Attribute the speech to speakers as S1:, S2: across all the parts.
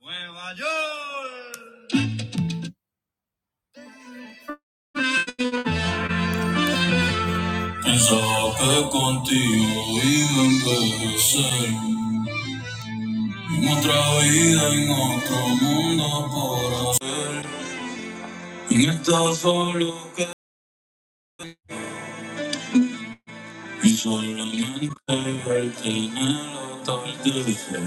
S1: Nueva York. Pensaba que contigo iba a envejecer. En otra vida, en otro mundo por ahí. En esta solo que y solamente verte en el atardecer.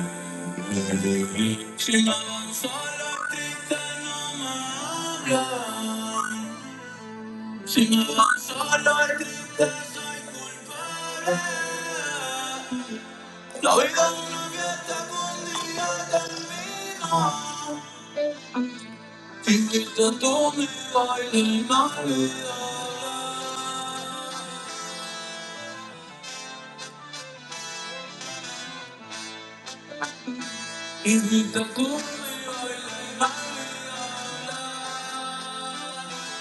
S1: Sin avanzar los tristes no me hablan. Si me van solo triste soy culpable La vida es una fiesta que un día termina. Invita a tu amigo a bailar Navidad. Invita a tu amigo a bailar Navidad.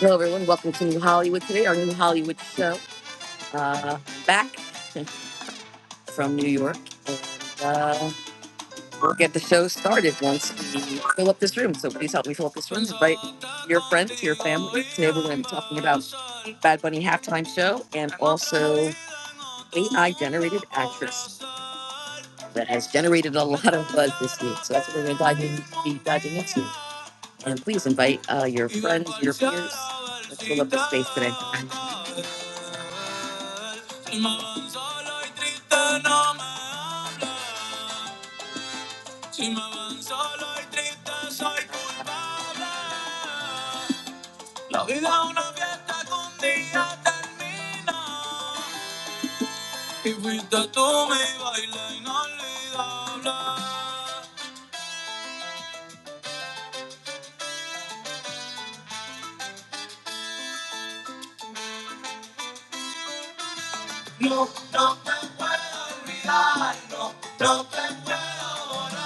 S1: Hello, everyone. Welcome to New Hollywood today, our New Hollywood show. Uh, I'm back from New York, and uh, we'll get the show started once we fill up this room. So please help me fill up this room. Invite your friends, your family. Today, we're going to be talking about Bad Bunny halftime show, and also AI generated actress that has generated a lot of buzz this week. So that's what we're going to be diving into. And please invite uh, your friends, your peers. Let's fill up the space today. No, no te puedo olvidar, no, no te puedo borrar.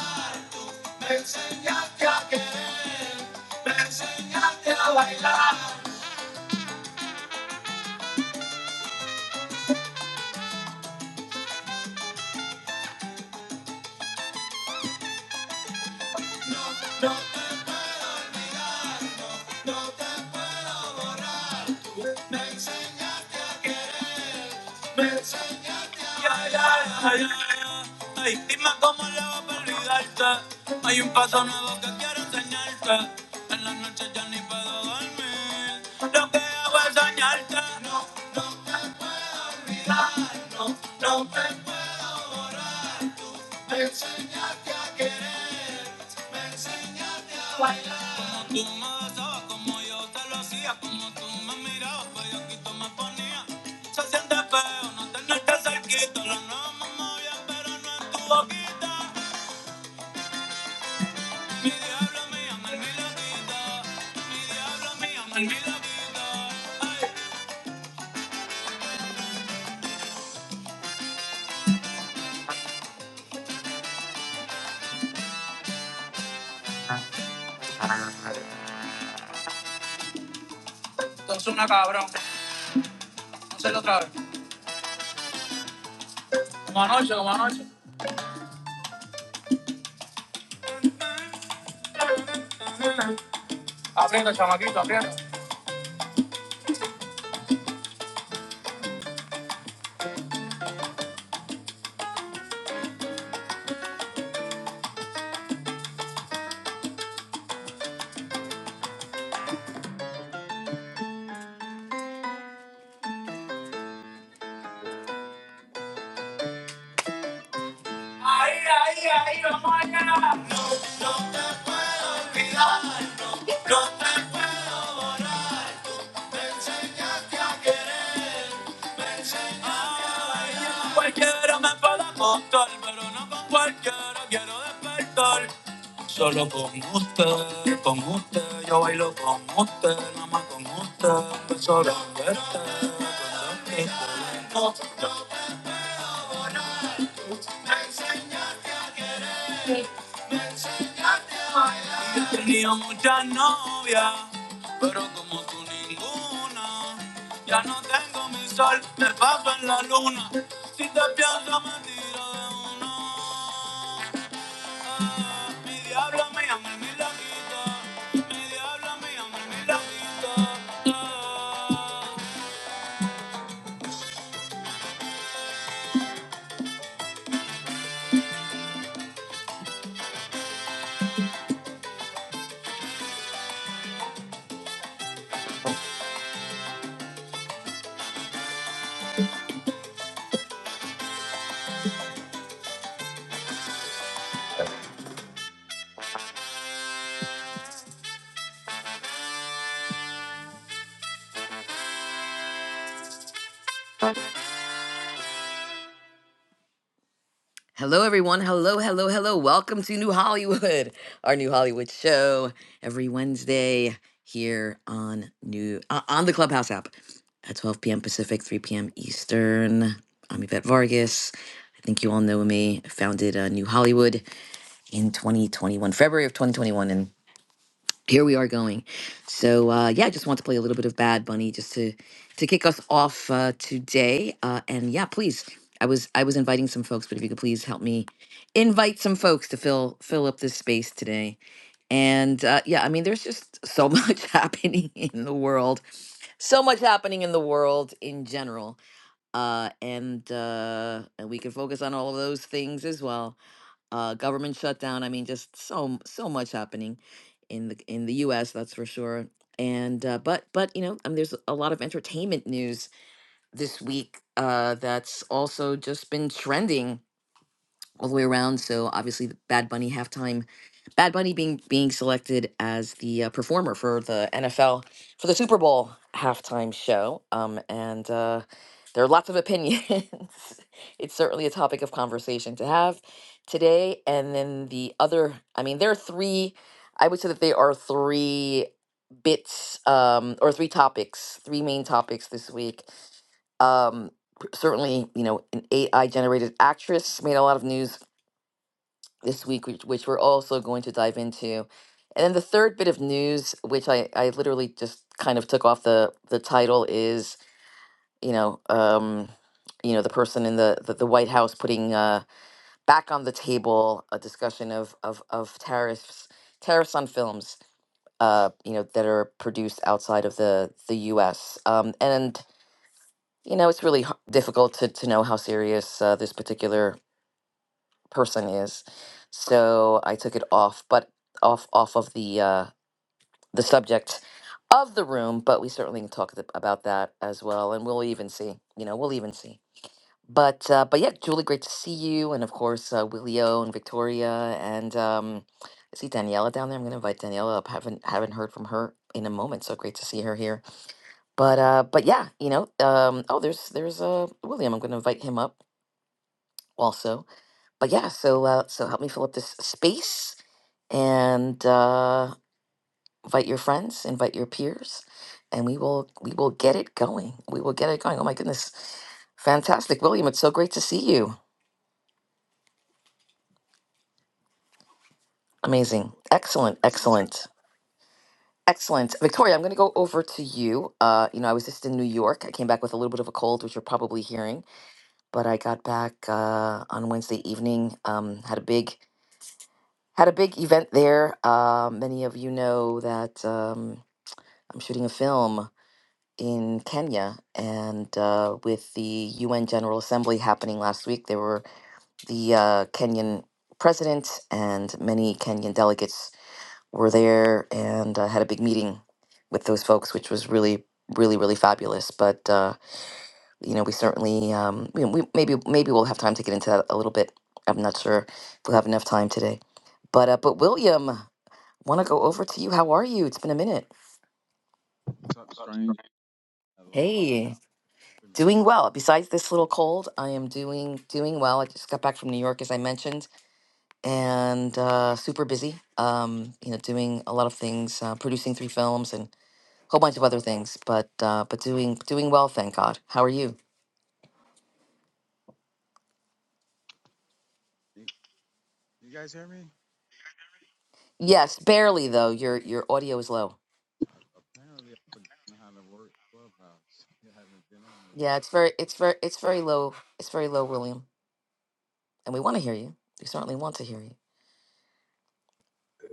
S1: Me enseñaste a querer, me enseñaste a bailar. No, te, no te puedo borrar. me enseñaste, me enseñaste a bailar. Ay, dime cómo le va a olvidarte. Hay un paso nuevo que quiero enseñarte. En la noche ya ni puedo dormir. Lo que hago es soñarte. No, no, olvidar, no, no, te enseñaste a quererse a bailar. Como tú mazo, como yo te lo hacía, como tú me- Esto es una cabrón, hazlo otra vez. Como anoche, como anoche. Aprieta, chamaquito, aprieta. Pero no con cualquiera quiero despertar. Solo con usted, con usted. Yo bailo con usted, nada más con usted. Un beso de verte, con usted. Y Yo he tenido muchas novias, pero como tú ninguna. Ya no tengo mi sol, me paso en la luna. Si te pienso me tiro, diablo me llame mi laquito, diablo me llame mi laquito. Hello, everyone. Hello, hello, hello. Welcome to New Hollywood, our New Hollywood show every Wednesday here on New uh, on the Clubhouse app at 12 p.m. Pacific, 3 p.m. Eastern. I'm Yvette Vargas. I think you all know me. I founded uh, New Hollywood in 2021, February of 2021, and here we are going. So uh, yeah, I just want to play a little bit of Bad Bunny just to to kick us off uh, today. Uh, and yeah, please, I was I was inviting some folks, but if you could please help me invite some folks to fill fill up this space today. And uh, yeah, I mean, there's just so much happening in the world, so much happening in the world in general, uh, and uh, and we can focus on all of those things as well uh, government shutdown. I mean, just so so much happening in the in the U.S. That's for sure. And uh, but but you know, I mean, there's a lot of entertainment news this week uh, that's also just been trending all the way around. So obviously, the Bad Bunny halftime, Bad Bunny being being selected as the uh, performer for the NFL for the Super Bowl halftime show. Um, and uh, there are lots of opinions. it's certainly a topic of conversation to have today. And then the other, I mean, there are three. I would say that they are three bits um, or three topics, three main topics this week um p- certainly you know AI generated actress made a lot of news this week, which, which we're also going to dive into. And then the third bit of news, which I, I literally just kind of took off the, the title, is you know um, you know the person in the the, the White House putting uh, back on the table a discussion of of, of tariffs tariffs on films uh, you know that are produced outside of the the U.S. Um, and you know it's really h- difficult to to know how serious uh, this particular person is. So I took it off, but off off of the uh, the subject of the room. But we certainly can talk th- about that as well, and we'll even see. You know, we'll even see. But uh, but yeah, Julie, great to see you, and of course uh, Willio and Victoria, and um, I see Daniela down there. I'm going to invite Daniela up. haven't haven't heard from her in a moment, so great to see her here. But uh, but yeah, you know, um, oh, there's there's uh, William. I'm going to invite him up also but yeah, so uh, so help me fill up this space and uh, invite your friends, invite your peers, and we will we will get it going. We will get it going. Oh my goodness, fantastic, William! It's so great to see you. Amazing, excellent, excellent, excellent. Victoria, I'm going to go over to you. Uh, you know, I was just in New York. I came back with a little bit of a cold, which you're probably hearing, but I got back uh, on Wednesday evening. Um, had a big had a big event there. Uh, many of you know that um, I'm shooting a film in Kenya, and uh, with the UN General Assembly happening last week, there were the uh, Kenyan president and many Kenyan delegates were there and uh, had a big meeting with those folks, which was really, really, really fabulous. But uh, you know, we certainly, um, you know, we maybe maybe we'll have time to get into that a little bit. I'm not sure if we'll have enough time today, but uh, but William, want to go over to you? How are you? It's been a minute.
S2: What's up, strange? Been a long minute.
S1: Hey.
S2: Wait a
S1: doing well. Besides this little cold, I am doing doing well. I just got back from New York, as I mentioned, and uh, super busy. Um, you know, doing a lot of things, uh, producing three films, and a whole bunch of other things. But uh, but doing doing well, thank God. How are you?
S2: You, you guys hear me?
S1: Yes, barely though. Your your audio is low.
S2: Apparently, I don't know how to work Clubhouse. I haven't been on it.
S1: Yeah, it's very it's very it's very low. It's very low, William. And we want to hear you. We certainly want to hear you.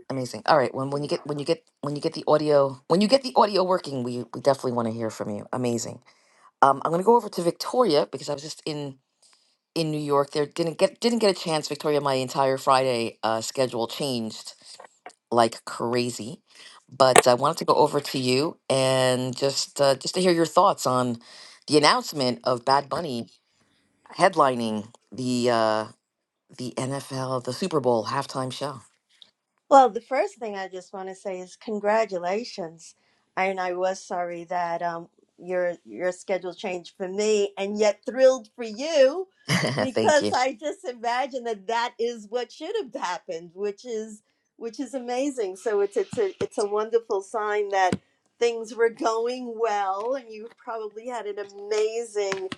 S1: Amazing. All right. When when you get when you get when you get the audio when you get the audio working, we we definitely want to hear from you. Amazing. Um, I'm gonna go over to Victoria because I was just in in New York. There didn't get didn't get a chance. Victoria, my entire Friday uh, schedule changed like crazy, but I wanted to go over to you and just uh, just to hear your thoughts on the announcement of Bad Bunny headlining the uh, the NFL the Super Bowl halftime show.
S3: Well, the first thing I just want to say is congratulations. And I was sorry that um, your your schedule changed for me, and yet thrilled for you
S1: Thank
S3: because
S1: you.
S3: I just imagine that that is what should have happened, which is which is amazing. So it's it's a it's a wonderful sign that things were going well, and you probably had an amazing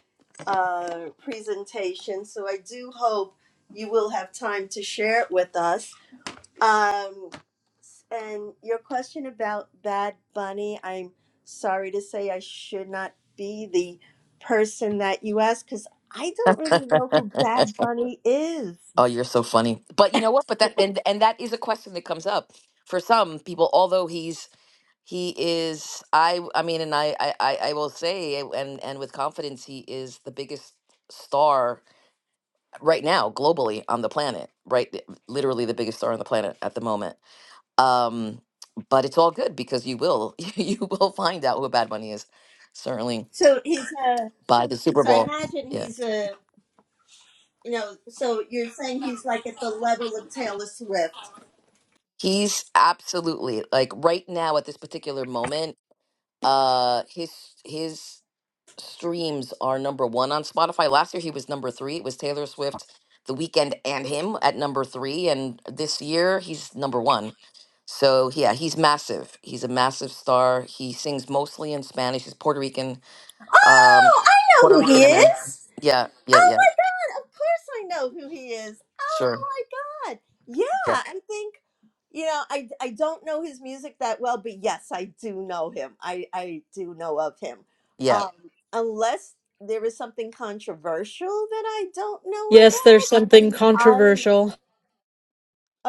S3: uh, presentation. So I do hope you will have time to share it with us. Um, and your question about Bad Bunny, I'm sorry to say I should not be the person that you asked because I don't really know who Bad Bunny is.
S1: Oh, you're so funny. But you know what? But that and and that is a question that comes up for some people. Although he's He is I I mean and I I I I will say eh, and and with confidence he is the biggest star right now globally on the planet, right? th- Literally the biggest star on the planet at the moment. Um but it's all good because you will you will find out who Bad Bunny is certainly
S3: So he's a,
S1: by the Super
S3: so I
S1: Bowl.
S3: imagine
S1: Yeah.
S3: he's a, you know, so you're saying he's like at the level of Taylor Swift.
S1: He's absolutely like right now at this particular moment uh his his streams are number one on Spotify. Last year he was number three. It was Taylor Swift, The Weekend, and him at number three. And this year he's number one. So yeah, he's massive. He's a massive star. He sings mostly in Spanish. He's Puerto Rican. Um,
S3: Oh, I
S1: Puerto
S3: know who
S1: Rican
S3: he
S1: American.
S3: is.
S1: Yeah, yeah,
S3: Oh
S1: yeah.
S3: my God, of course I know who he is. Oh
S1: Sure.
S3: my God. Yeah,
S1: Yeah,
S3: I think, you know, I, I don't know his music that well, but yes, I do know him. I, I do know of him.
S1: yeah.
S3: Um, unless there is something controversial that I don't know
S4: Yes, there's
S3: about.
S4: something controversial.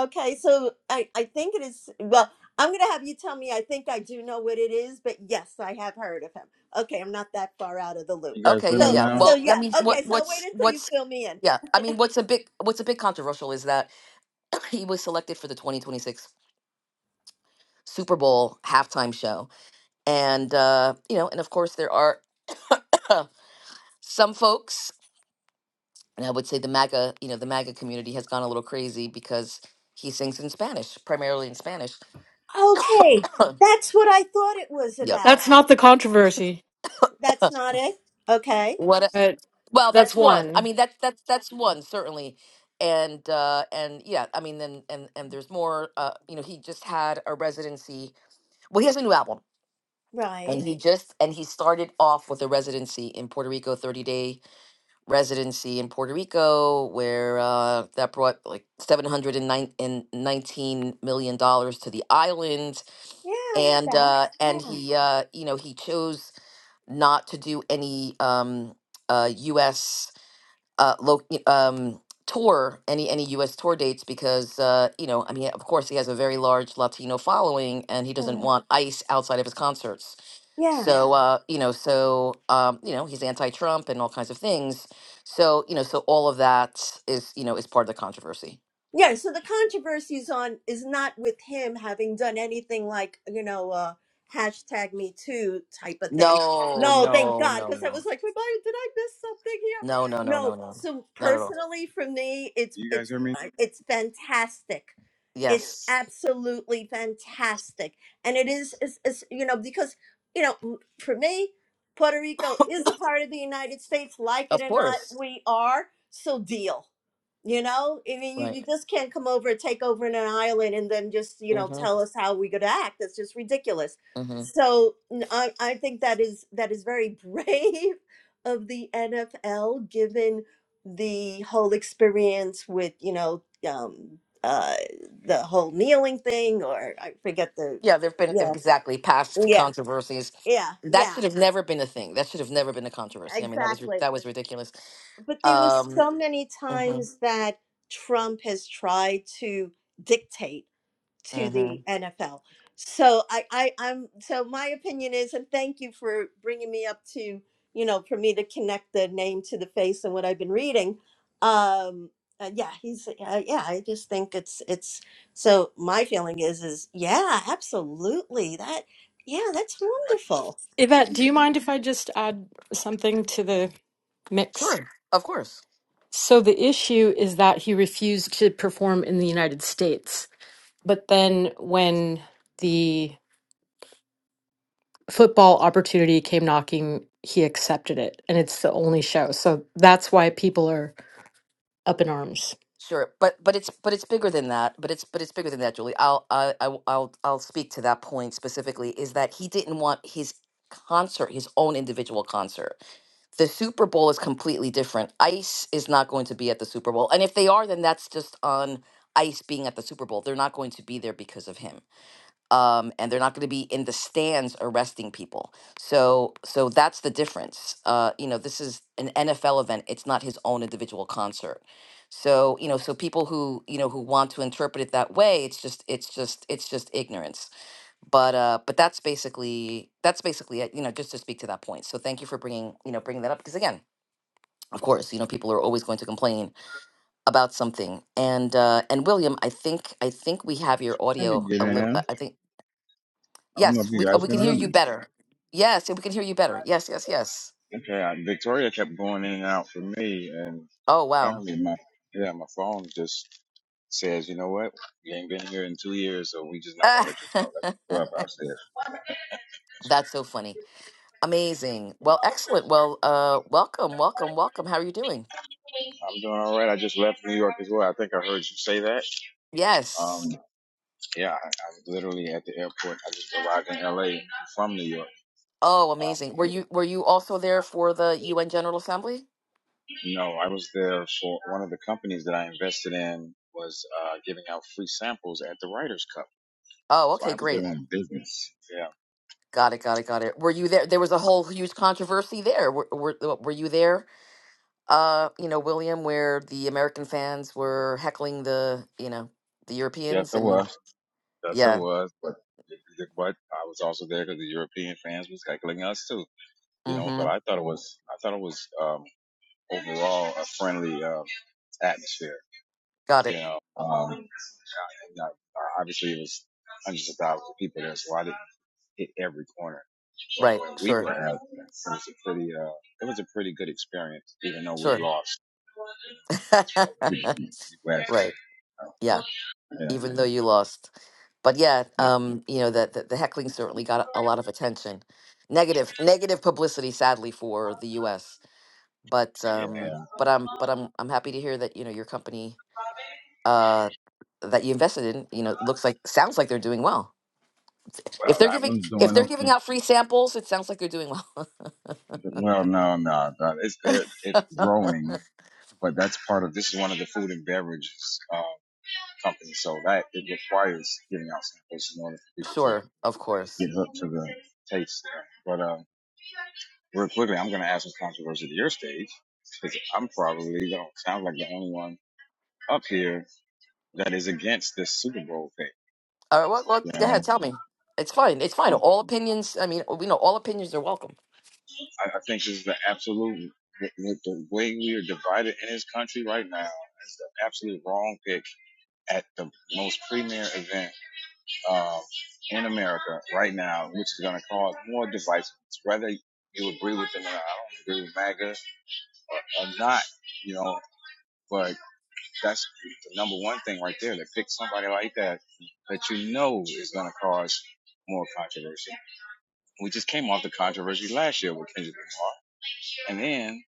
S3: Okay, so I, I think it is, well, I'm going to have you tell me I think I do know what it is, but yes, I have heard of him. Okay, I'm not that far out of the loop.
S2: You guys
S1: Okay,
S2: with
S1: yeah,
S2: me
S3: So,
S1: yeah.
S2: now?
S3: so
S1: Well, I
S3: yeah.
S1: mean, what,
S3: Okay, so I'll wait
S1: what's,
S3: until you
S1: what's,
S3: fill me in.
S1: yeah. I mean, what's a big, what's a bit controversial is that he was selected for the 2026 Super Bowl halftime show and uh, you know, and of course there are some folks, and I would say the MAGA, you know, the MAGA community has gone a little crazy because he sings in Spanish, primarily in Spanish.
S3: Okay, that's what I thought it was
S1: yep.
S3: about.
S4: That's not the controversy,
S3: That's not it. Okay,
S1: What? A,
S4: but
S1: well,
S4: that's
S1: that's one. I
S4: one.
S1: mean, that's that's that's one certainly, and uh, and yeah, I mean, then and and there's more. Uh, you know, he just had a residency. Well, he has a new album. And
S3: right.
S1: he just and he started off with a residency in Puerto Rico, 30 day residency in Puerto Rico, where uh, that brought like seven hundred and nine and nineteen million dollars to the island,
S3: Yeah, I read
S1: and
S3: that.
S1: uh, and
S3: Yeah,
S1: he, uh, you know, he chose not to do any um, uh, U.S uh, lo- um, tour any any U.S. tour dates because uh, you know I mean of course he has a very large Latino following and he
S3: all
S1: doesn't
S3: right.
S1: want ICE outside of his concerts.
S3: Yeah.
S1: So Yeah. uh, you know so um, you know he's anti-Trump and all kinds of things. So you know so all of that is you know is part of the controversy.
S3: Yeah, so the controversy is on is not with him having done anything like you know uh, hashtag Me Too type of thing.
S1: No
S3: No, thank
S1: no
S3: God,
S1: no
S3: because I
S1: no
S3: was like, "Wait, why- did I miss something
S1: no
S3: here?
S1: no no no
S3: No.
S1: no
S3: So
S1: not at all.
S3: personally, for me, it's
S2: You guys
S3: it's
S2: hear me?
S3: uh, it's fantastic. It's Yes.
S1: Yes,
S3: absolutely fantastic, and it is is, is you know because you know m- for me, Puerto Rico is a part of the United States, like it
S1: of
S3: or not,
S1: course.
S3: we are. So deal. You know, I mean, you,
S1: Right.
S3: you just can't come over and take over in an island and then just, you know,
S1: Mm-hmm.
S3: tell us how we could act. That's just ridiculous. So n- I, I think that is that is very brave of the NFL, given the whole experience with, you know, um, uh, the whole kneeling thing, or I forget the,
S1: Yeah, there have been
S3: yeah,
S1: exactly past
S3: yeah,
S1: controversies.
S3: yeah,
S1: That
S3: yeah,
S1: should have never been a thing. That should have never been a controversy. I mean, that was ri-
S3: exactly.
S1: that was ridiculous.
S3: But there was
S1: Um,
S3: so many
S1: mhm,
S3: times that Trump has tried to dictate to the
S1: mhm.
S3: NFL. So I, I I'm so my opinion is, and thank you for bringing me up to you know for me to connect the name to the face and what I've been reading. Um, uh, yeah, he's uh, yeah. I just think it's it's so my feeling is is yeah, absolutely that yeah that's
S2: Right.
S3: wonderful.
S4: Yvette, do you mind if I just add something to the mix?
S1: Sure, of course,
S4: So the issue is that he refused to perform in the United States. But then when the football opportunity came knocking, he accepted it. And it's the only show. So that's why people are up in arms.
S1: sure. But but it's but it's bigger than that. But it's but it's bigger than that, Julie. I'll I, I will- I'll I'll speak to that point specifically. Is that he didn't want his concert, his own individual concert. The Super Bowl is completely different. Ice is not going to be at the Super Bowl, and if they are, then that's just on Ice being at the Super Bowl. They're not going to be there because of him um, and they're not going to be in the stands arresting people. So, so that's the difference. Uh, you know, this is an NFL event; it's not his own individual concert. So, you know, so people who you know who want to interpret it that way, it's just, it's just, it's just ignorance. But, uh, but that's basically that's basically it. You know, just to speak to that point. So, thank you for bringing you know bringing that up because again, of course, you know, people are always going to complain about something. And uh, and William, I think I think we have your
S2: Let me
S1: audio
S2: get
S1: a little. I
S2: in.
S1: I think.
S2: I don't know if
S1: Yes, we
S2: you
S1: oh,
S2: guys
S1: we can
S2: can
S1: hear
S2: hear
S1: you
S2: me.
S1: better. Yes, we can hear you better. Yes, yes, yes.
S2: Okay, I, Victoria kept going in and out for me, and
S1: Oh, wow.
S2: apparently my yeah my phone just says, you know what, you ain't been here in two years, so we just not gonna let you talk. That's what Clubhouse
S1: That's so funny.
S2: is.
S1: Amazing. Well, excellent. Well, uh welcome, welcome, welcome. How are you doing?
S2: I'm doing all right. I just left New York as well. I think I heard you say that. Um,
S1: Yes.
S2: yeah, I, I was literally at the airport. I just arrived in LA from New York.
S1: Oh,
S2: Uh,
S1: amazing. Were you were you also there for the UN General Assembly?
S2: no, I was there for one of the companies that I invested in was uh, giving out free samples at the Writers Cup.
S1: Oh,
S2: So
S1: okay,
S2: I was there
S1: great.
S2: on business. Yeah.
S1: Got it, got it, got it. Were you there? There was a whole huge controversy there. Were were, uh, were you there? Uh, you know, William, where the American fans were heckling the, you know, the
S2: Yes,
S1: Europeans
S2: I
S1: and
S2: was. Yes, I
S1: yeah.
S2: was. But but I was also there because the European fans was heckling us too. You know,
S1: mm-hmm.
S2: but I thought it was I thought it was um, overall a friendly um, atmosphere.
S1: Got
S2: You
S1: it.
S2: know, um, now, uh, obviously it was hundreds of thousands of people there, so I didn't hit every corner.
S1: Right.
S2: But when we were
S1: Sure.
S2: at, it was a pretty, uh, it was a pretty good experience, even though we
S1: Sure.
S2: lost. We went,
S1: right.
S2: uh,
S1: Yeah.
S2: yeah,
S1: Even though you lost. But yeah, um, you know, the, the, the heckling certainly got a lot of attention. Negative negative publicity sadly for the US. But
S2: yeah,
S1: um
S2: yeah.
S1: but I'm but I'm I'm happy to hear that, you know, your company uh that you invested in, you know, looks like sounds like they're doing well. If
S2: Well,
S1: they're
S2: that
S1: giving
S2: one's
S1: if
S2: doing
S1: they're giving out
S2: okay.
S1: free samples, it sounds like they're doing well.
S2: Well, no, no, no. It's they're it's growing. but that's part of this is one of the food and beverages uh, companies, so that it requires giving out samples in order for people to
S1: sure, of course.
S2: get hooked to the taste. But uh, real quickly, I'm going to add some controversy to your stage because I'm probably the sounds like the only one up here that is against this Super Bowl thing.
S1: All right, well, well,
S2: You
S1: go ahead,
S2: know,
S1: tell me. It's fine. It's fine.
S2: um,
S1: All opinions. I mean, we know all opinions are welcome.
S2: I, I think this is the absolute the the way we are divided in this country right now is the absolute wrong pick at the most premier event um, in America right now, which is going to cause more divisiveness, whether you agree with them or not. I don't agree with MAGA or, or not, you know, but that's the number one thing right there to pick somebody like that that you know is going to cause more controversy. We just came off the controversy last year with Kendrick Lamar. And then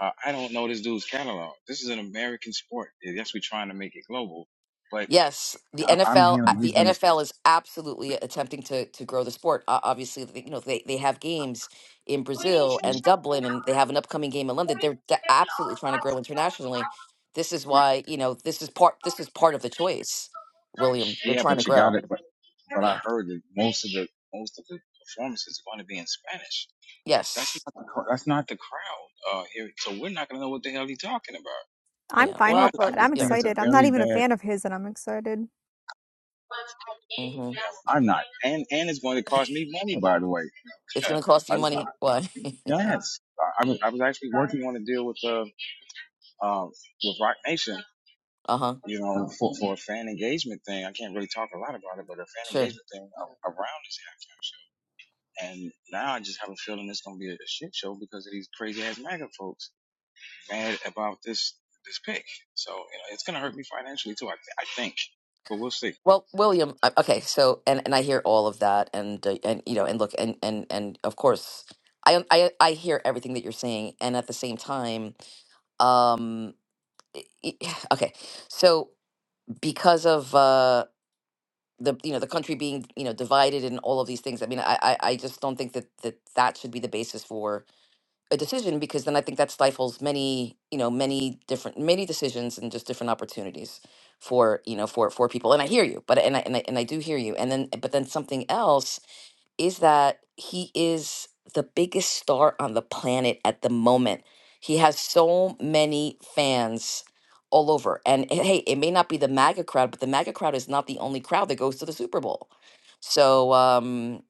S2: uh, I don't know this dude's catalog. This is an American sport. Yes, we're trying to make it global, but
S1: Yes, the
S2: I'm
S1: NFL.
S2: hearing
S1: The
S2: he's going to.
S1: NFL is absolutely attempting to to grow the sport. Uh, obviously, they- you know they they have games in Brazil and
S2: relationship in
S1: Dublin, and they have an upcoming game in London.
S2: according
S1: They're
S2: to
S1: de-
S2: every
S1: absolutely
S2: all
S1: trying to
S2: God's
S1: grow
S2: love.
S1: internationally. This is why you know this is part. This is part of the choice, William. They're
S2: Yeah,
S1: trying to
S2: but you
S1: grow.
S2: got it. But but I
S1: Yeah.
S2: heard that most of the most of the performances are going to be in Spanish. That's
S1: Yes.
S2: not the cr- that's not the crowd uh, here, so we're not going to know what the hell he's talking about.
S5: I'm
S1: Yeah.
S2: You know,
S5: fine
S2: I,
S5: with
S1: Well,
S2: I
S1: but
S5: that.
S2: just
S5: I'm
S1: yeah.
S2: think it's a
S5: excited. I'm not
S2: very
S5: even a
S2: bad.
S5: fan of his, and I'm excited.
S1: hmm
S2: I'm not, and and it's going to cost me money, by the way.
S1: It's
S2: Uh,
S1: going to cost
S2: I
S1: you
S2: was
S1: money. Why?
S2: yes, I I was I was actually working on a deal with uh, uh with Rock Nation
S1: Uh huh.
S2: you know, for, for a fan engagement thing, I can't really talk a lot about it, but a fan
S1: Sure.
S2: engagement thing a- around this halftime show. And now I just have a feeling it's going to be a shit show because of these crazy ass MAGA folks mad about this this pick. So, you know, it's going to hurt me financially too, I, th- I think. But we'll see.
S1: Well, William, I- okay, so and and I hear all of that, and uh, and you know, and look, and and and of course, I I I hear everything that you're saying, and at the same time, um, i- i- okay, so because of uh the you know the country being you know divided and all of these things, I mean, I I, I just don't think that that that should be the basis for a decision because then I think that stifles many, you know, many different, many decisions and just different opportunities for, you know, for for people. And I hear you, but and I and I, and I do hear you. And then, but then something else is that he is the biggest star on the planet at the moment. He has so many fans all over. And eh, hey, it may not be the MAGA crowd, but the MAGA crowd is not the only crowd that goes to the Super Bowl. So, um,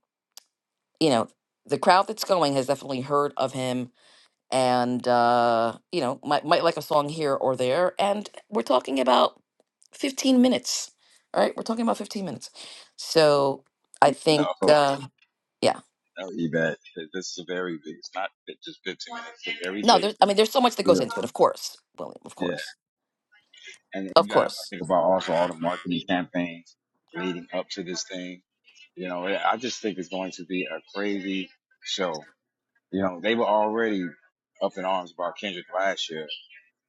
S1: you know, the crowd that's going has definitely heard of him and uh, you know might might like a song here or there and we're talking about 15 minutes all right we're talking about 15 minutes so i think
S2: No, no,
S1: uh, yeah
S2: Yvette, this is a very big, it's not just 15 minutes, it's a very
S1: no
S2: big
S1: there's i mean there's so much that goes
S2: deal.
S1: into it of course william of
S2: Yeah.
S1: course
S2: And
S1: of
S2: you got to
S1: course
S2: think about also all the marketing campaigns leading up to this thing. You know, yeah, I just think it's going to be a crazy show. You know, they were already up in arms about Kendrick last year,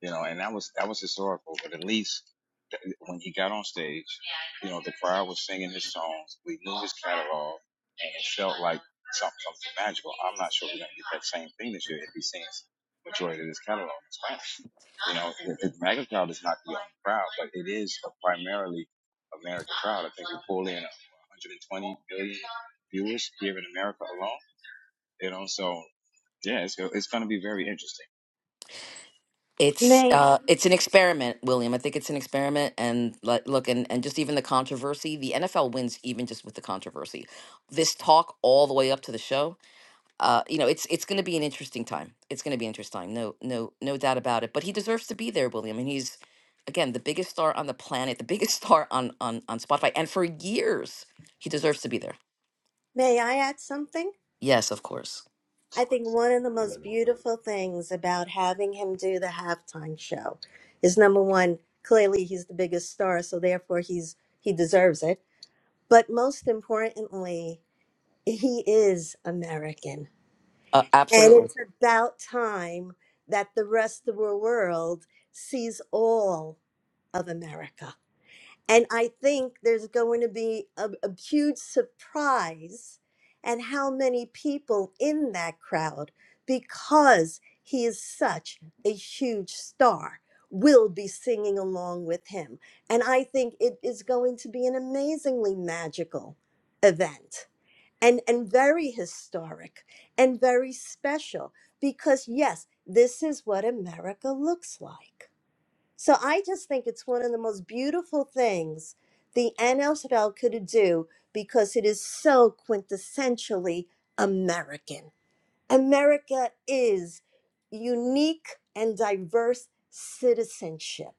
S2: you know, and that was, that was historical, but at least th- when he got on stage, you know, the crowd was singing his songs. We knew his catalog and it felt like something, something magical. I'm not sure we're going to get that same thing this year if he sings majority of his catalog in Spanish. You know, the, the MAGA crowd is not the only crowd, but it is a primarily American crowd. I think we pull in 120 million viewers here in America alone. You know, so yeah, it's go- it's going to be very interesting.
S1: it's
S3: May
S1: uh it's an experiment william i think it's an experiment and like look and, and just even the controversy the nfl wins even just with the controversy this talk all the way up to the show uh, you know, it's it's going to be an interesting time. It's going to be an interesting time. No, no, no doubt about it. But he deserves to be there, William. And he's again the biggest star on the planet, the biggest star on on on Spotify, and for years he deserves to be there.
S3: may I add something?
S1: Yes, of course,
S3: I think one of the most beautiful things about having him do the halftime show is number one, clearly he's the biggest star, so therefore he's he deserves it. But most importantly, he is American.
S1: uh,
S3: And
S1: absolutely.
S3: it's about time that the rest of the world sees all of America. And I think there's going to be a, a huge surprise at how many people in that crowd, because he is such a huge star, will be singing along with him. And I think it is going to be an amazingly magical event and, and very historic and very special because, yes, this is what America looks like. So I just think it's one of the most beautiful things the NFL could do because it is so quintessentially American. America is unique and diverse citizenship.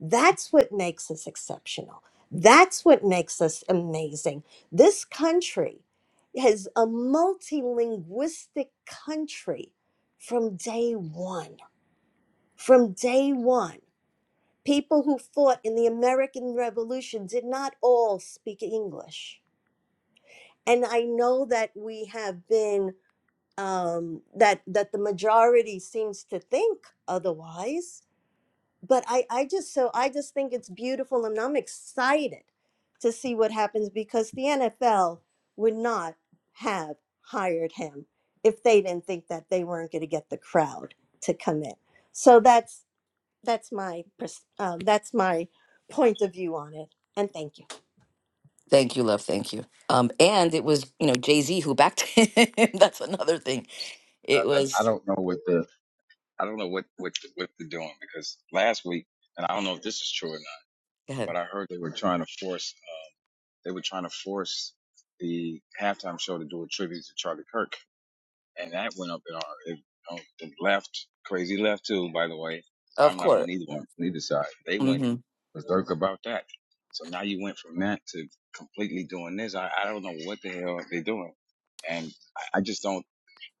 S3: That's what makes us exceptional. That's what makes us amazing. This country is a multilinguistic country from day one. From day one. People who fought in the American Revolution did not all speak English. And I know that we have been um, that that the majority seems to think otherwise. But I, I just so I just think it's beautiful and I'm excited to see what happens because the NFL would not have hired him if they didn't think that they weren't going to get the crowd to come in. So that's that's my pers- uh, that's my point of view on it. And thank you.
S1: Thank you, love. Thank you. Um, and it was you know Jay Z who backed him. That's another thing.
S2: I,
S1: It
S2: I, I
S1: was.
S2: don't know what the I don't know what what what they're doing because last week, and I don't know if this is true or not, but I heard they were trying to force they were trying to force the halftime show to do a tribute to Charlie Kirk. and that went up in our it, on the left, crazy left too. By the way,
S1: Of
S2: I'm not
S1: course.
S2: on either one, neither side. They went
S1: hmm
S2: berserk about that. So now you went from that to completely doing this. I, I don't know what the hell they're doing, and I, I just don't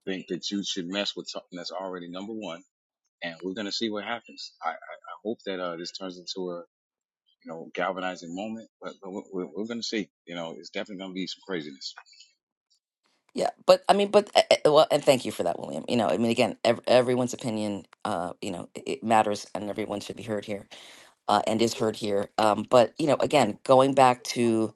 S2: think that you should mess with something that's already number one. And we're gonna see what happens. I I, I hope that uh, this turns into a you know galvanizing moment, but, but we're, we're we're gonna see. You know, it's definitely gonna be some craziness.
S1: Yeah, but I mean, but eh, eh, well, and thank you for that, William. You know, I mean, again, ev everyone's opinion, uh, you know, it, it matters, and everyone should be heard here, uh, and is heard here. Um, but you know, again, going back to,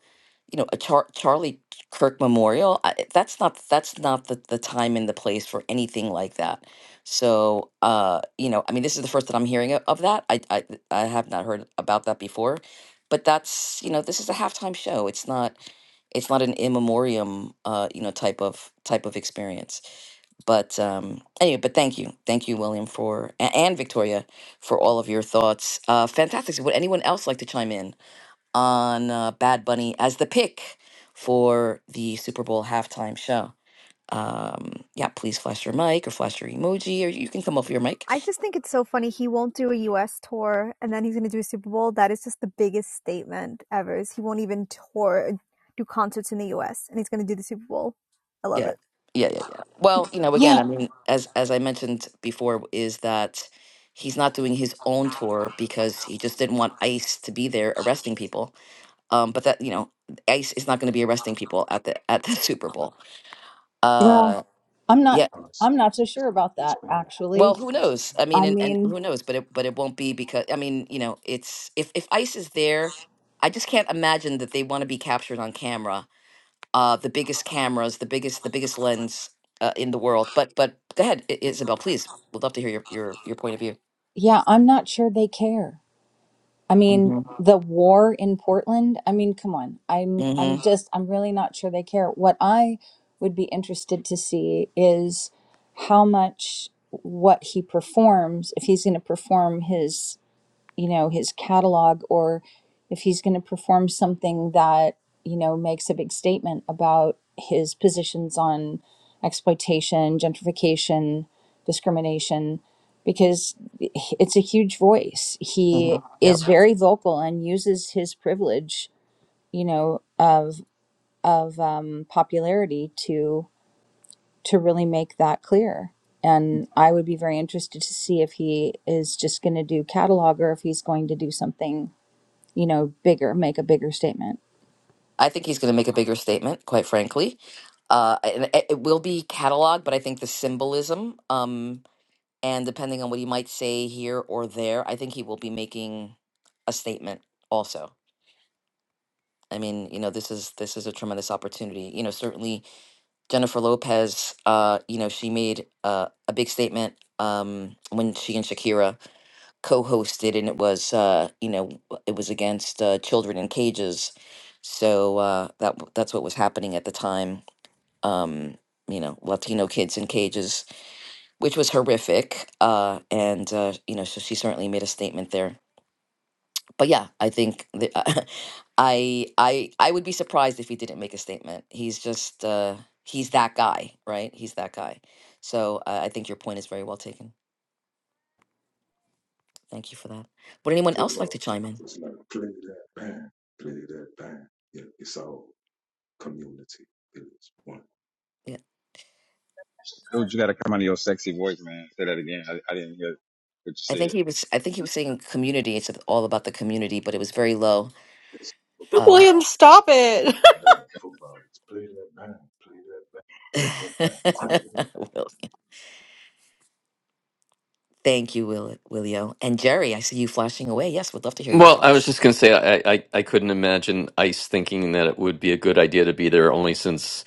S1: you know, a Char Charlie Kirk Memorial, I, eh, that's not that's not the the time and the place for anything like that. So, uh, you know, I mean, this is the first that I'm hearing of, of that. I, I I have not heard about that before, but that's, you know, this is a halftime show. It's not. it's not an in memoriam uh you know type of type of experience but um anyway but thank you thank you william for a- and victoria for all of your thoughts uh fantastic So would anyone else like to chime in on uh, bad bunny as the pick for the super bowl halftime show um yeah please flash your mic or flash your emoji or you can come off your mic
S5: I just think it's so funny. He won't do a U.S. tour, and then he's going to do a Super Bowl. That is just the biggest statement ever. Is he won't even tour, do concerts in the U.S., and he's going to do the Super Bowl. I love it.
S1: Yeah. Yeah, yeah, yeah. Well, you know, again,
S6: Yeah.
S1: I mean, as as I mentioned before, is that he's not doing his own tour because he just didn't want ICE to be there arresting people. Um, but that you know, ICE is not going to be arresting people at the at the Super Bowl.
S6: Well,
S1: Uh,
S6: I'm not
S1: yeah.
S6: I'm not so sure about that
S1: Well,
S6: actually.
S1: who knows? I mean,
S6: I
S1: and, and
S6: mean,
S1: who knows? But it but it won't be because I mean, you know, it's if if ICE is there, I just can't imagine that they want to be captured on camera uh, the biggest cameras, the biggest the biggest lens uh, in the world. But but go ahead, I- Isabel, please. We'd love to hear your your your point of view.
S6: yeah, I'm not sure they care. I mean,
S1: hmm
S6: the war in Portland, I mean, come on. I'm
S1: hmm
S6: I'm just I'm really not sure they care. What I would be interested to see is how much what he performs, if he's going to perform his you know, his catalog or if he's going to perform something that, you know, makes a big statement about his positions on exploitation, gentrification, discrimination, because it's a huge voice.
S1: hmm
S6: He is
S1: Yep.
S6: very vocal and uses his privilege, you know, of of um, popularity to to really make that clear. And I would be very interested to see if he is just going to do catalog or if he's going to do something you know, bigger, make a bigger statement.
S1: I think he's going to make a bigger statement, quite frankly. Uh, and it, it will be cataloged, but I think the symbolism, um, and depending on what he might say here or there, I think he will be making a statement also. I mean, you know, this is this is a tremendous opportunity. You know, certainly Jennifer Lopez, uh, you know, she made uh, a big statement um, when she and Shakira co-hosted, and it was, uh, you know, w- it was against uh, children in cages. So uh, that w- that's what was happening at the time. Um, you know, Latino kids in cages, which was horrific. Uh, and uh, you know, so she certainly made a statement there but yeah, I think the, I I I would be surprised if he didn't make a statement. He's just uh, he's that guy, right? He's that guy. So uh, I think your point is very well taken. Thank you for that. Would anyone else like
S7: football.
S1: to chime in?
S7: It's like play that band, play that band. Yeah, it's all community. It is one.
S1: Yeah,
S2: Dude, you gotta come out of your sexy voice, man. Say that again. I, I didn't hear what you
S1: I think
S2: said.
S1: he was. I think he was saying community. It's all about the community, but it was very low.
S7: It's
S1: Uh,
S4: William, stop it.
S7: love football. It's play that band, play that band, play that band. Crank it up.
S1: Will- thank you, Will Willio and Jerry. I see you flashing away. Yes, would love to hear your
S8: Well, I was
S1: thoughts.
S8: just going to say, I, I, I couldn't imagine ICE thinking that it would be a good idea to be there only since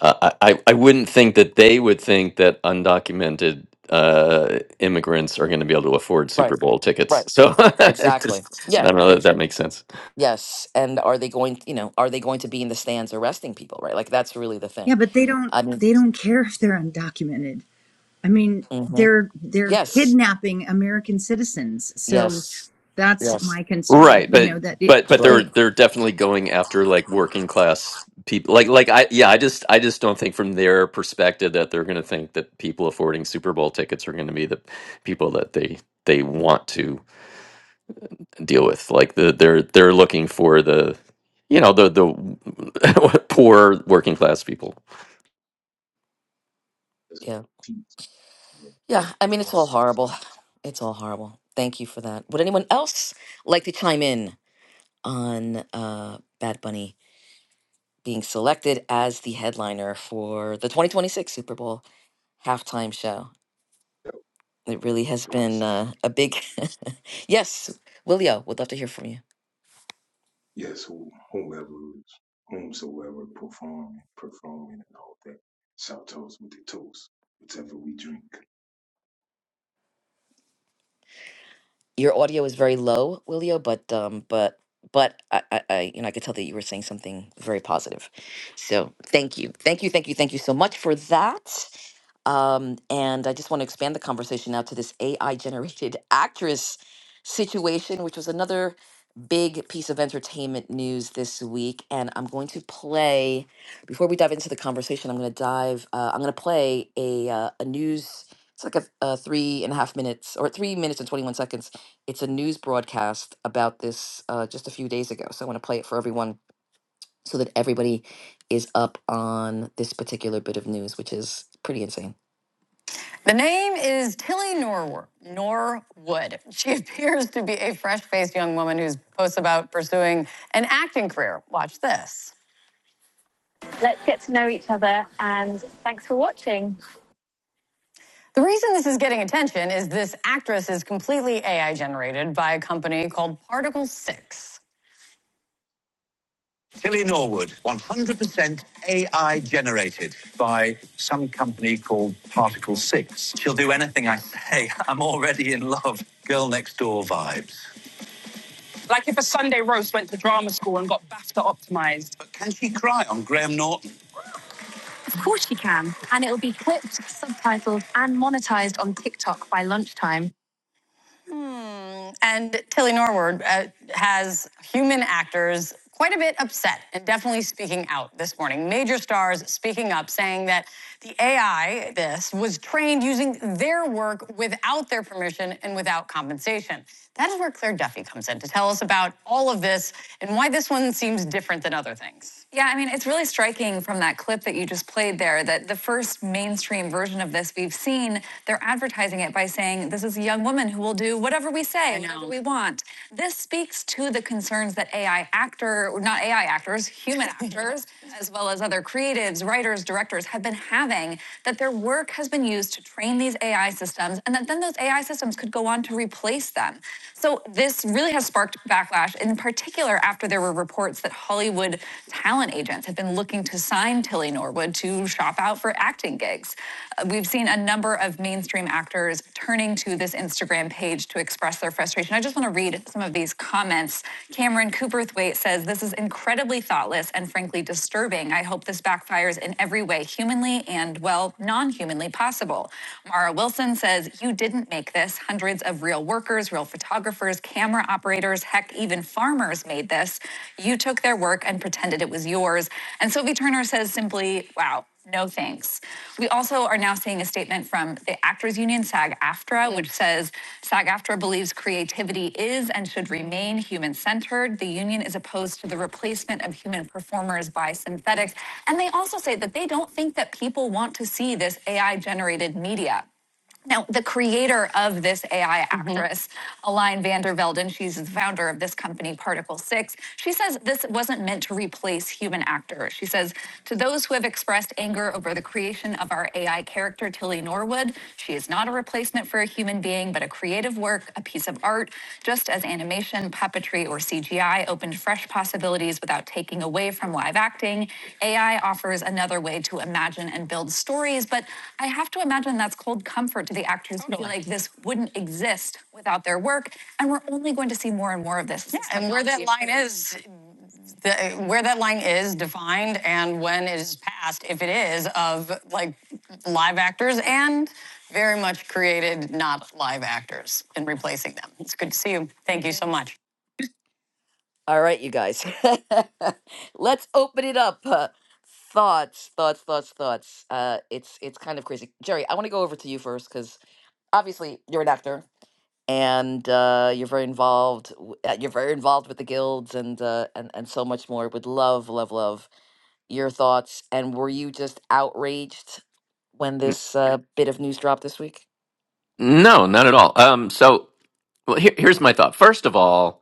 S8: uh, I, I I wouldn't think that they would think that undocumented uh, immigrants are going to be able to afford
S1: Right,
S8: Super Bowl tickets.
S1: right,
S8: So I
S1: exactly.
S8: just,
S1: Yeah,
S8: I don't know that that makes sense.
S1: Yes, and are they going, you know, are they going to be in the stands arresting people, right? Like that's really the thing.
S6: Yeah, but they don't
S1: I mean,
S6: they don't care if they're undocumented. I mean,
S1: hmm
S6: they're they're
S1: yes,
S6: kidnapping American citizens. So
S1: yes,
S6: that's
S1: yes,
S6: my concern.
S8: Right.
S6: You
S8: But,
S6: know that it
S8: but, but
S1: sure,
S8: they're,
S6: they
S8: they're definitely going after like working class people. Like, like I, yeah, I just, I just don't think from their perspective that they're going to think that people affording Super Bowl tickets are going to be the people that they, they want to deal with. Like the they're they're looking for the you know the the poor working class people.
S7: It's like
S1: yeah,
S7: teach for that
S1: yeah. I mean, it's all
S7: concert. It's
S1: horrible.
S7: concert.
S1: It's all horrible. Thank you for that. Would anyone else like to chime in on uh, Bad Bunny being selected as the headliner for the 2026 Super Bowl halftime show?
S7: That
S1: It really has
S7: to
S1: been
S7: us.
S1: uh, a big yes. Willio, would love to hear from you.
S7: Yes, who, whomever, whomsoever performing, performing, and all that. Shout toast with the toast, whatever we drink.
S1: Your audio is very low, Willio, but um, but but I, I, I you know I could tell that you were saying something very positive. So thank you, thank you, thank you, thank you so much for that. Um, and I just want to expand the conversation now to this AI generated actress situation, which was another big piece of entertainment news this week. And I'm going to play before we dive into the conversation. I'm going to dive. Uh, I'm going to play a uh, a news. It's like a, a three and a half minutes or three minutes and 21 seconds. It's a news broadcast about this uh, just a few days ago. So I want to play it for everyone so that everybody is up on this particular bit of news, which is pretty insane. The name is Tilly Norwood. Norwood. She appears to be a fresh faced young woman who's posts about pursuing an acting career. Watch this. Let's get to know each other and thanks for watching. The reason this is getting attention is this actress is completely AI generated by a company called Particle 6. Tilly Norwood, 100% AI generated by some company called Particle 6. She'll do anything I say. I'm already in love. Girl next door vibes. Like if a Sunday roast went to drama school and got BAFTA optimized. But can she cry on Graham Norton? Of course she can. And it'll be clipped, subtitled, and monetised on TikTok by lunchtime. and Tilly Norwood uh, has human actors quite a bit upset and definitely speaking out this morning. Major stars speaking up, saying that the AI, this, was trained using their work without their permission and without compensation. That is where Claire Duffy comes in to tell us about all of this and why this one seems different than other things. Yeah, I mean, it's really striking from that clip that you just played there that the first mainstream version of this we've seen, they're advertising it by saying, This is a young woman who will do whatever we say, whatever we want. This speaks to the concerns that AI actor, not AI actors, human actors, as well as other creatives, writers, directors have been having, that their work has been used to train these AI systems and that then those AI systems could go on to replace them. So this really has sparked backlash, in particular after there were reports that Hollywood talent agents have been looking to sign Tilly Norwood to shop out for acting gigs. Uh, We've seen a number of mainstream actors turning to this Instagram page to express their frustration. I just want to read some of these comments. Cameron Cooperthwaite says, This is incredibly thoughtless and frankly disturbing. I hope this backfires in every way, humanly and, well, non humanly possible. Mara Wilson says, You didn't make this this. Hundreds of real workers, real photographers, camera operators, heck, even farmers made this. You took their work and pretended it was yours. And Sophie Turner says simply, wow, no thanks. We also are now seeing a statement from the Actors Union, SAG AFTRA, which says SAG AFTRA believes creativity is and should remain human centered. The union is opposed to the replacement of human performers by synthetics. And they also say that they don't think that people want to see this AI generated media. Now, the creator of this AI actress, mm-hmm. Aline Vandervelden, she's the founder of this company, Particle Six. She says this wasn't meant to replace human actors. She says, to those who have expressed anger over the creation of our AI character, Tilly Norwood, she is not a replacement for a human being, but a creative work, a piece of art, art, just as animation, puppetry, or CGI opened fresh possibilities without taking away from live acting. AI offers another way to imagine and build stories, but I have to imagine that's cold comfort to the actors totally. who feel like this wouldn't exist without their work. And we're only going to see more and more of this. Yeah, and where that line is the- where that line is defined and when it is passed, if it is, of like live actors and very much created not live actors and replacing them. It's good to see you. Thank you so much. All right, you guys. Let's open it up. Uh, thoughts, thoughts, thoughts, thoughts. Uh, it's it's kind of crazy. Jerry, I want to go over to you first because obviously you're an actor and uh, you're very involved. w- uh, You're very involved with the guilds and uh, and and so much more. Would love, love, love your thoughts and were you just outraged when
S8: N-
S1: this uh, bit of news dropped this week?
S8: No, not at all. Um, so well, here, here's my thought. First of all,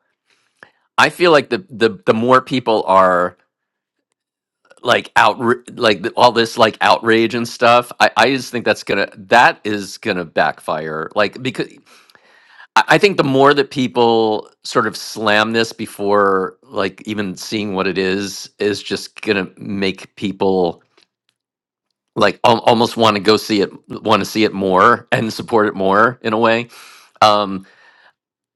S8: I feel like the the the more people are like out like the- all this like outrage and stuff, I I just think that's gonna that is gonna backfire. Like because I, I think the more that people sort of slam this before like even seeing what it is is just gonna make people. like al- almost want to go see it want to see it more and support it more in a way um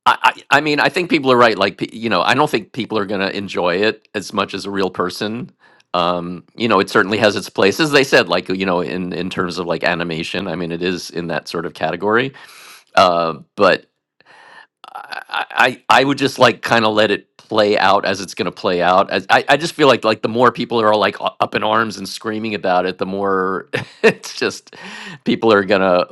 S8: I, I i mean i think people are right like pe- you know i don't think people are going to enjoy it as much as a real person um you know it certainly has its place as they said like you know in in terms of like animation i mean it is in that sort of category uh but I, I I would just like kind of let it play out as it's going to play out. As, I I just feel like like the more people are like u- up in arms and screaming about it, the more it's just people are gonna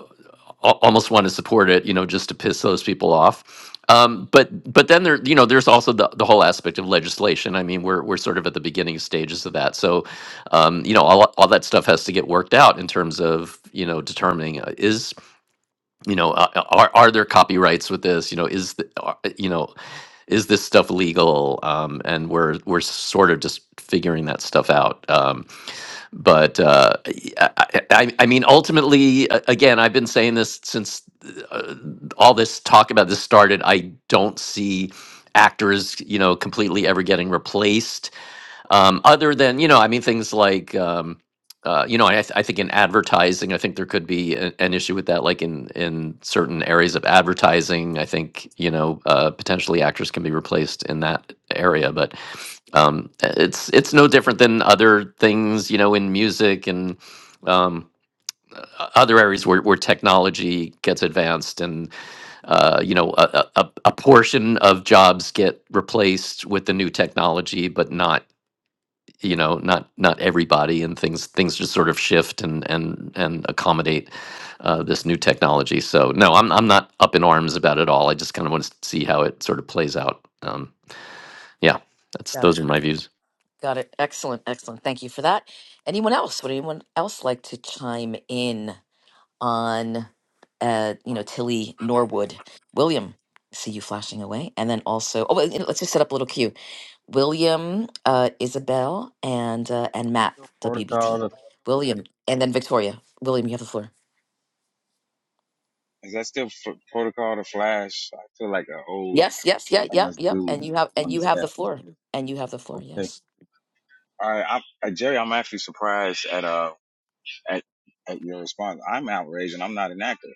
S8: almost want to support it, you know, just to piss those people off. Um, but but then there you know there's also the, the whole aspect of legislation. I mean we're we're sort of at the beginning stages of that. So um, you know all all that stuff has to get worked out in terms of you know determining uh, is you know uh, uh, are are there copyrights with this you know is the, are- you know is this stuff legal um and we're we're sort of just figuring that stuff out um but uh y- i i, I- I mean ultimately a- again i've been saying this since uh, all this talk about this started i don't see actors you know completely ever getting replaced um, other than you know i mean things like um, uh, you know I, th- I think in advertising i think there could be a- an issue with that like in in certain areas of advertising i think you know uh, potentially actors can be replaced in that area but um, it's it's no different than other things you know in music and um, o- other areas where, where technology gets advanced and uh, you know a, a, a a portion of jobs get replaced with the new technology but not you know not not everybody and things things just sort of shift and and and accommodate uh, this new technology so no i'm i'm not up in arms about it all i just kind of want to see how it sort of plays out um yeah that's
S1: Got
S8: those
S1: it.
S8: are my views
S1: Got it. Excellent. Excellent. Thank you for that. Anyone else? Would anyone else like to chime in on, uh, you know, Tilly Norwood? William, I see you flashing away. And then also, oh, well, you know, let's just set up a little cue. William, uh, Isabel, and uh, and Matt
S2: Still
S1: WBT.
S2: Protocol. to-
S1: William, and then Victoria. William, you have the floor.
S2: Is that still f- protocol to flash? I feel like an old
S1: Yes, yes, yeah,
S2: on
S1: yep,
S2: this
S1: yep. And
S2: dude
S1: you have and
S2: on
S1: you
S2: this
S1: have the
S2: app.
S1: floor. And you have the floor.
S2: Okay.
S1: Yes.
S2: All right, I'm, uh, Jerry, I'm actually surprised at uh at at your response. I'm outraged, and I'm not an actor.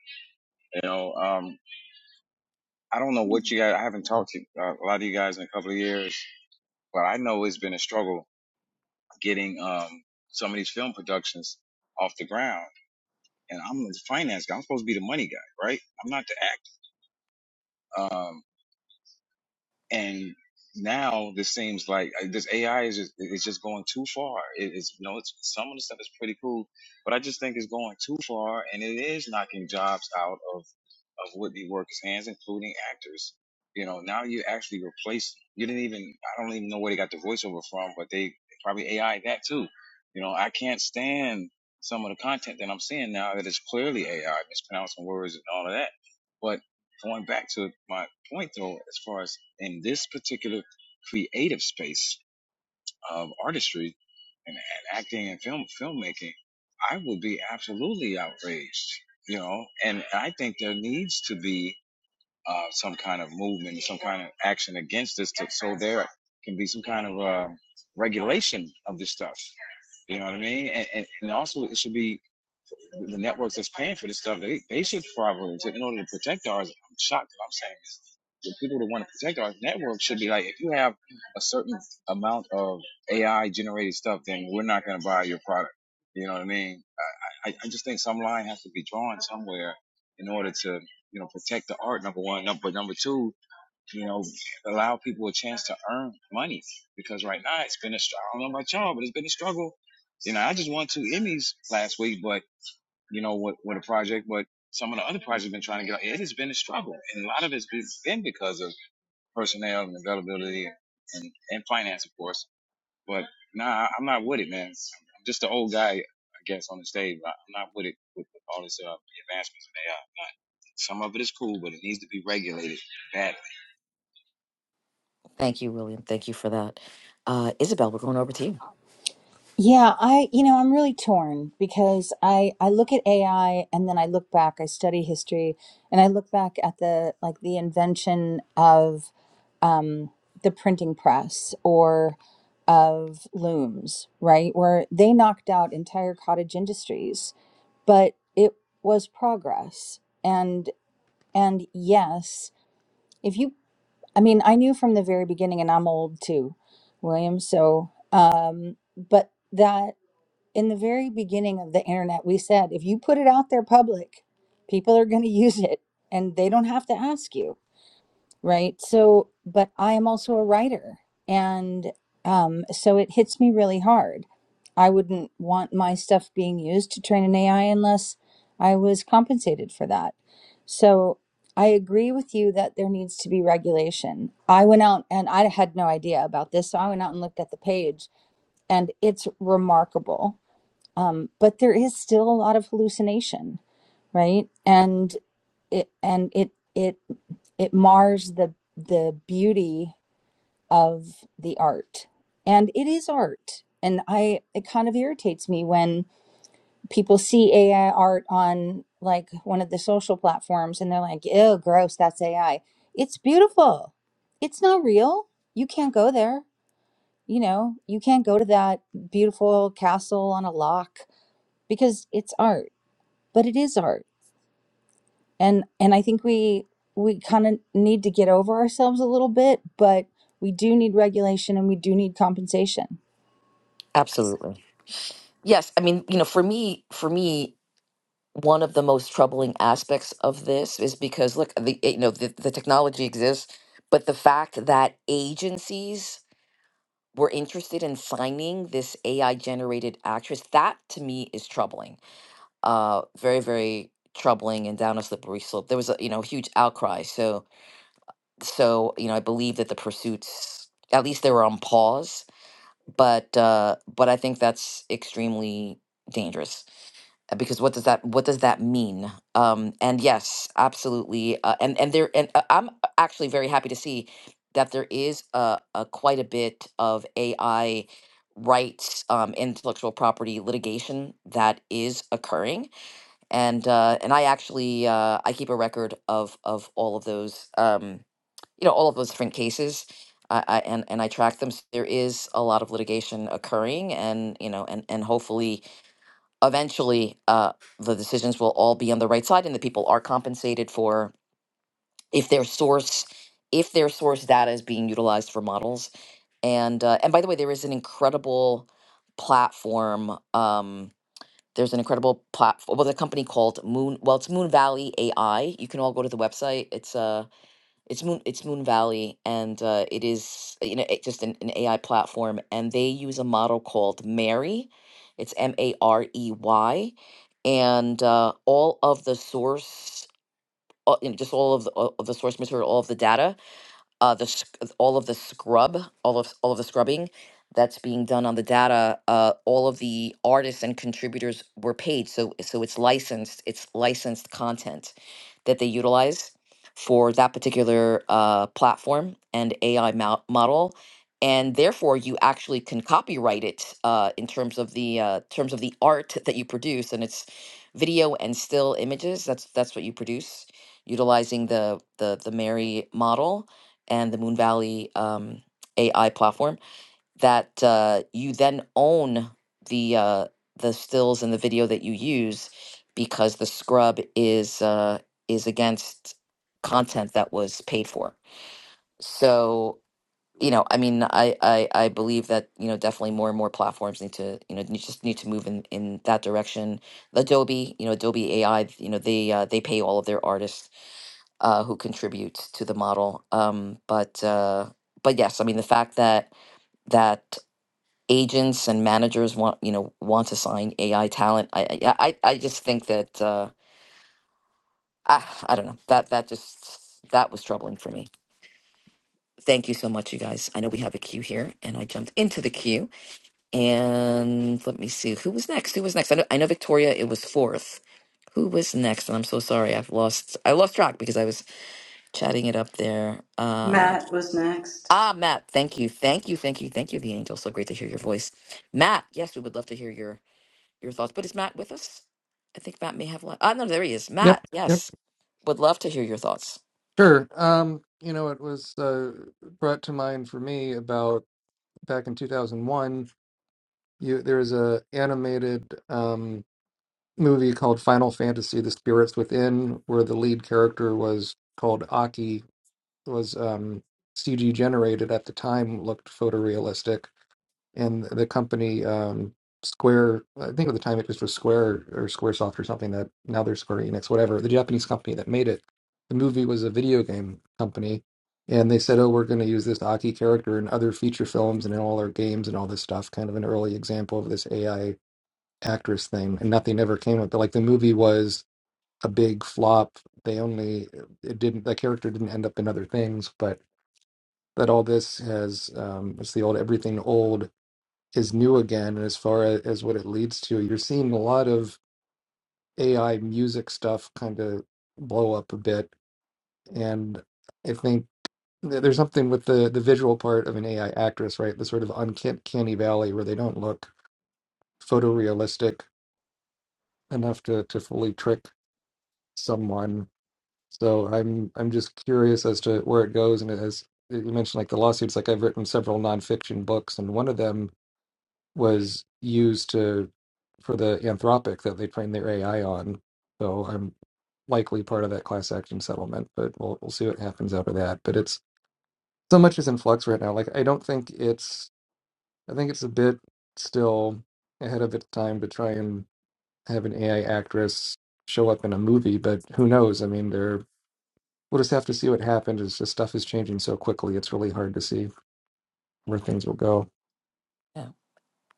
S2: You know, um, I don't know what you guys. I haven't talked to uh, a lot of you guys in a couple of years, but I know it's been a struggle getting um some of these film productions off the ground. and I'm the finance guy. I'm supposed to be the money guy, right? I'm not the actor. Um, and now this seems like uh, this AI is just, it's just going too far. It, it's you know it's some of the stuff is pretty cool, but I just think it's going too far, and it is knocking jobs out of of would-be workers' hands, including actors. You know, now you actually replace. You didn't even I don't even know where they got the voiceover from, but they probably AI that too. You know, I can't stand some of the content that I'm seeing now that is clearly AI, mispronouncing words and all of that. But going back to my point though, as far as in this particular creative space of artistry and, and acting and film filmmaking, I would be absolutely outraged, you know. And I think there needs to be uh, some kind of movement, some kind of action against this, to, so there can be some kind of uh, regulation of this stuff. You know what I mean? And, and, and also, it should be the networks that's paying for this stuff. They, they should probably, in order to protect ours. I'm shocked that I'm saying this. The people that want to protect our network should be like, if you have a certain amount of AI generated stuff, then we're not going to buy your product. You know what I mean? I, I just think some line has to be drawn somewhere in order to, you know, protect the art. Number one, number but number two, you know, allow people a chance to earn money because right now it's been a struggle. I don't know about y'all, but it's been a struggle. You know, I just won two Emmys last week, but you know, with with a project, but some of the other projects have been trying to get. It has been a struggle, and a lot of it's been because of personnel and availability and, and finance, of course. But nah, I'm not with it, man. I'm just an old guy, I guess, on the stage. but I'm not with it with all this uh, advancements in AI. am not. Some of it is cool, but it needs to be regulated badly.
S1: Thank you, William. Thank you for that. Uh, Isabel, we're going over to you.
S6: Yeah, I, you know, I'm really torn because I I look at AI and then I look back, I study history and I look back at the like the invention of the printing press or of looms, right? Where they knocked out entire cottage industries. but it was progress and and yes if you i mean i knew from the very beginning and i'm old too william so um but that in the very beginning of the internet we said if you put it out there public people are going to use it and they don't have to ask you right? So, but I am also a writer. And um, so it hits me really hard. I wouldn't want my stuff being used to train an AI unless I was compensated for that. So I agree with you that there needs to be regulation. I went out and I had no idea about this. So I went out and looked at the page and it's remarkable. Um, but there is still a lot of hallucination, right? And it and it it it mars the the beauty of the art and it is art and i it kind of irritates me when people see ai art on like one of the social platforms and they're like ew gross that's ai it's beautiful it's not real you can't go there you know you can't go to that beautiful castle on a lock because it's art but it is art and and i think we we kind of need to get over ourselves a little bit but we do need regulation and we do need compensation
S1: Absolutely. Yes. I mean, you know, for me, for me, one of the most troubling aspects of this is because look, the you know the, the technology exists, but the fact that agencies were interested in signing this AI generated actress. That to me is troubling. Uh, very, very troubling and down a slippery slope. There was a you know huge outcry. So so you know I believe that the pursuits at least they were on pause. But uh, but I think that's extremely dangerous uh, because what does that what does that mean um and yes absolutely uh, and and there and uh, i'm actually very happy to see that there is a, a quite a bit of ai rights um intellectual property litigation that is occurring and uh and i actually uh i keep a record of of all of those um you know all of those different cases I, I, and and I track them. So there is a lot of litigation occurring, and you know, and and hopefully, eventually uh, the decisions will all be on the right side and the people are compensated for if their source if their source data is being utilized for models and uh, and by the way there is an incredible platform um, there's an incredible platform well the company called moon well it's moon valley ai you can all go to the website it's uh it's Moon. It's Moon Valley, and uh, it is you know it just an, an AI platform, and they use a model called Mary. It's M A R E Y, and uh, all of the source uh, you know, just all of the, all of the source material, all of the data, uh, the sc- all of the scrub, all of all of the scrubbing that's being done on the data. Uh, all of the artists and contributors were paid, so so it's licensed. It's licensed content that they utilize for that particular uh, platform and AI mo- model, and therefore you actually can copyright it uh, in terms of the uh, terms of the art that you produce, and it's video and still images. That's that's what you produce utilizing the the the Mary model and the Moon Valley um, AI platform that uh, you then own the uh, the stills and the video that you use because the scrub is uh, is against content that was paid for. So you know, I mean, I, I I believe that you know definitely more and more platforms need to you know ne- just need to move in in that direction. Adobe, you know, Adobe AI, you know, they uh, they pay all of their artists uh, who contributes to the model. Um, but uh, but yes, I mean the fact that that agents and managers want you know want to sign AI talent. I I yeah, I I just think that uh, I I don't know that that just that was troubling for me. Thank you so much, you guys. I know we have a queue here, and I jumped into the queue. And let me see who was next. Who was next? I know, I know Victoria. It was fourth. Who was next? And I'm so sorry. I've lost. I lost track because I was chatting it up there. Uh.
S9: Matt was next.
S1: Ah, Matt, thank you. Thank you. Thank you. Thank you, the angel. So great to hear your voice. Matt, yes, we would love to hear your your thoughts. But is Matt with us? I think Matt may have left. Ah, no, there he is. Matt,
S10: Yep, yep,
S1: yes. Would love to hear your thoughts.
S10: sure. Um, you know, it was uh, brought to mind for me about back in 2001. You, there was a animated um, movie called Final Fantasy: The Spirits Within, where the lead character was called Aki, was um, CG generated at the time, looked photorealistic. and the company um, Square, I think at the time it just was Square or SquareSoft or something that now they're Square Enix, whatever, the Japanese company that made it. The movie was a video game company, and they said, "Oh, we're going to use this Aki character in other feature films and in all our games and all this stuff." Kind of an early example of this AI actress thing, and nothing ever came of it. like the movie was a big flop. They only it didn't the character didn't end up in other things, but that all this has um, it's the old everything old is new again as far as, as what it leads to. You're seeing a lot of AI music stuff kind of blow up a bit, and I think th- there's something with the the visual part of an AI actress, right? The sort of uncanny valley where they don't look photorealistic enough to to fully trick someone. So I'm I'm just curious as to where it goes, and as you mentioned, like the lawsuits, like I've written several nonfiction books, and one of them was used to for the Anthropic that they trained their AI on. So I'm likely part of that class action settlement, but we'll we'll see what happens out of that. But it's so much is in flux right now. Like I don't think it's I think it's a bit still ahead of its time to try and have an AI actress show up in a movie, but who knows? I mean, there we'll just have to see what happens. It's just stuff is changing so quickly. It's really hard to see where things will go.
S1: Yeah.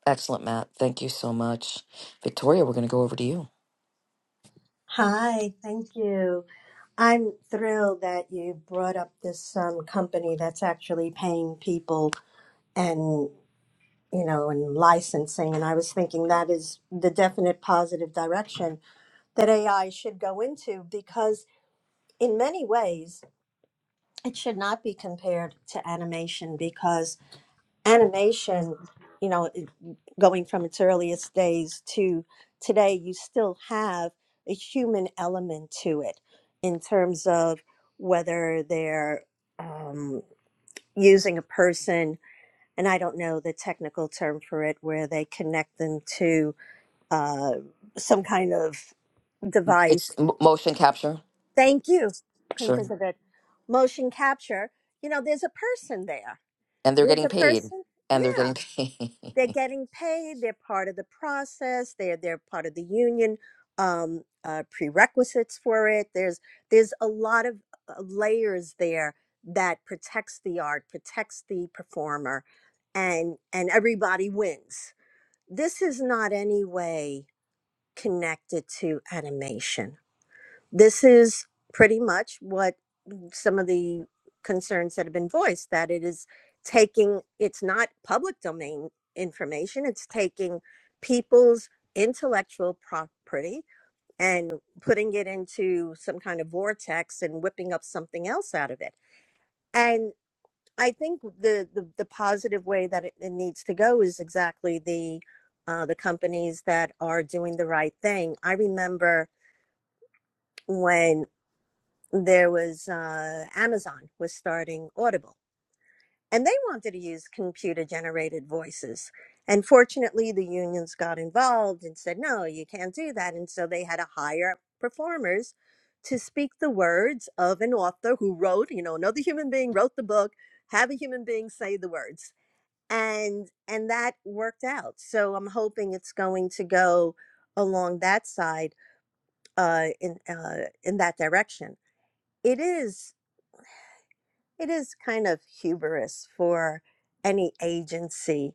S1: Excellent, Matt. Thank you so much. Victoria, we're going to go over to you.
S3: Hi, thank you. I'm thrilled that you brought up this um, company that's actually paying people and you know and licensing. And I was thinking that is the definite positive direction that AI should go into because in many ways it should not be compared to animation because animation you know it- going from its earliest days to today you still have a human element to it in terms of whether they're um, using a person and i don't know the technical term for it where they connect them to uh, some kind of device
S1: It's m- motion capture.
S3: thank you couldn't
S1: Sure.
S3: think of it motion capture you know there's a person there
S1: and they're
S3: There's
S1: getting
S3: a
S1: paid
S3: person.
S1: and they're getting
S3: Yeah,
S1: paid
S3: they're getting paid. They're part of the process. They're they're part of the union um, uh, prerequisites for it. There's there's a lot of uh, layers there that protects the art, protects the performer, and and everybody wins. This is not any way connected to animation. This is pretty much what some of the concerns that have been voiced that it is taking it's not public domain information it's taking people's intellectual property and putting it into some kind of vortex and whipping up something else out of it and i think the the, the positive way that it, it needs to go is exactly the uh, the companies that are doing the right thing i remember when there was uh, amazon was starting audible and they wanted to use computer generated voices. And fortunately, the unions got involved and said, no, you can't do that. And so they had to hire performers to speak the words of an author who wrote, you know, another human being wrote the book, have a human being say the words. And and that worked out. So I'm hoping it's going to go along that side uh, in uh, in that direction. It is it is kind of hubris for any agency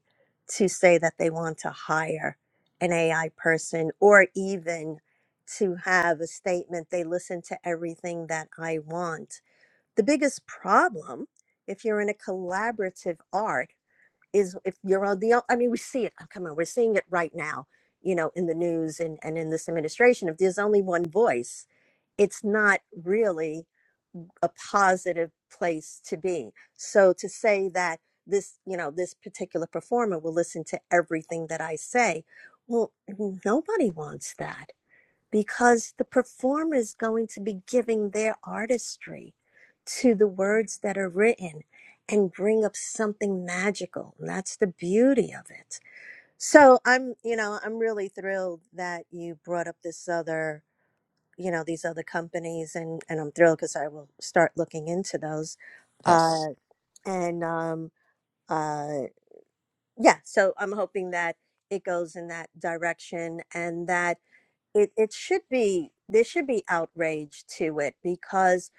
S3: to say that they want to hire an AI person or even to have a statement they listen to everything that I want. The biggest problem if you're in a collaborative art is if you're on the I mean we see it oh, come on we're seeing it right now you know in the news and, and in this administration if there's only one voice it's not really a positive place to be. So to say that this, you know, this particular performer will listen to everything that I say, well, nobody wants that because the performer is going to be giving their artistry to the words that are written and bring up something magical. And that's the beauty of it. So I'm, you know, I'm really thrilled that you brought up this other you know these other companies and and i'm thrilled because i will start looking into those
S1: yes
S3: uh and um uh yeah so i'm hoping that it goes in that direction and that it it should be there should be outrage to it because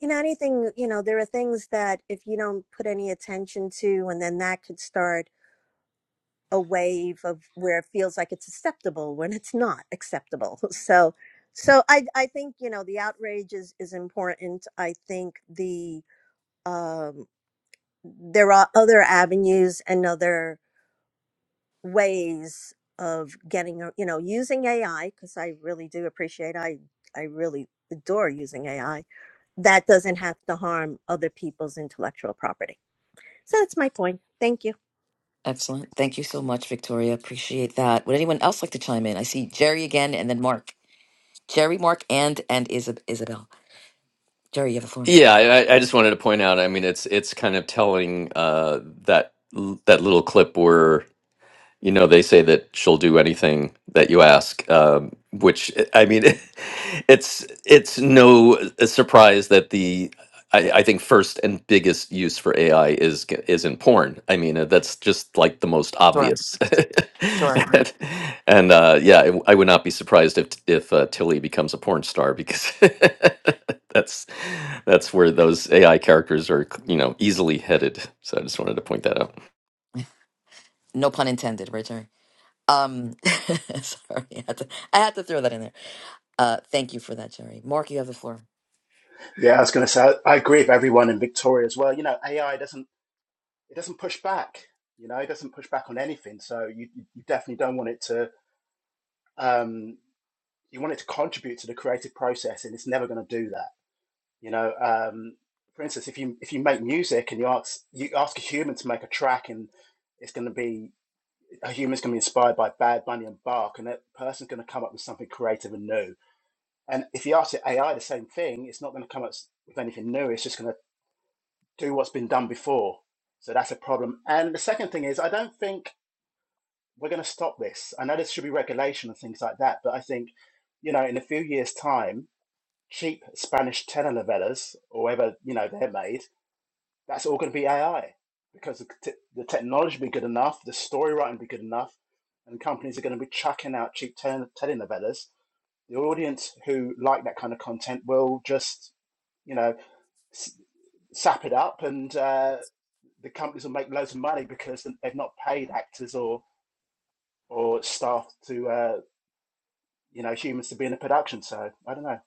S3: you know anything you know there are things that if you don't put any attention to and then that could start a wave of where it feels like it's acceptable when it's not acceptable. So, so I I think you know the outrage is is important. I think the um, there are other avenues and other ways of getting a- you know using AI because I really do appreciate I I really adore using AI that doesn't have to harm other people's intellectual property. So that's my point. Thank you.
S1: Excellent. Thank you so much, Victoria. Appreciate that. Would anyone else like to chime in? I see Jerry again and then Mark. Jerry, Mark, and and Isab- Isabel. Jerry, you have the floor.
S8: Yeah, I, I I just wanted to point out. I mean, it's it's kind of telling uh, that that little clip where you know they say that she'll do anything that you ask um, which i mean it's it's no uh, surprise that the I, I think first and biggest use for ai is g- is in porn i mean uh, that's just like the most
S1: Sure.
S8: obvious
S1: Sure.
S8: and, and, uh, yeah I, w- I would not be surprised if if uh, tilly becomes a porn star because that's that's where those ai characters are you know easily headed so i just wanted to point that out
S1: No pun intended, right, Jerry? Um sorry, I had, to, I had to throw that in there. Uh thank you for that, Jerry. Mark, you have the floor.
S11: Yeah, I was going to say I I agree with everyone in Victoria as well. You know, AI doesn't it doesn't push back. You know, it doesn't push back on anything. So you you definitely don't want it to. Um, you want it to contribute to the creative process, and it's never going to do that. You know, um, for instance, if you if you make music and you ask you ask a human to make a track, and it's going to be a human's going to be inspired by Bad Bunny and Bark, and that person's going to come up with something creative and new. And if you ask the AI the same thing, it's not going to come up s- with anything new. It's just going to do what's been done before. So that's a problem. And the second thing is, I don't think we're going to stop this. I know there should be regulation and things like that, but I think, you know, in a few years' time, cheap Spanish telenovelas or whatever, you know, they're made, that's all going to be AI because the, t- the technology will be good enough, the story writing will be good enough, and companies are going to be chucking out cheap tele- telenovelas. The audience who like that kind of content will just, you know, s- sap it up and uh, the companies will make loads of money because they've not paid actors or or staff to uh, you know humans to be in a production. So I don't know.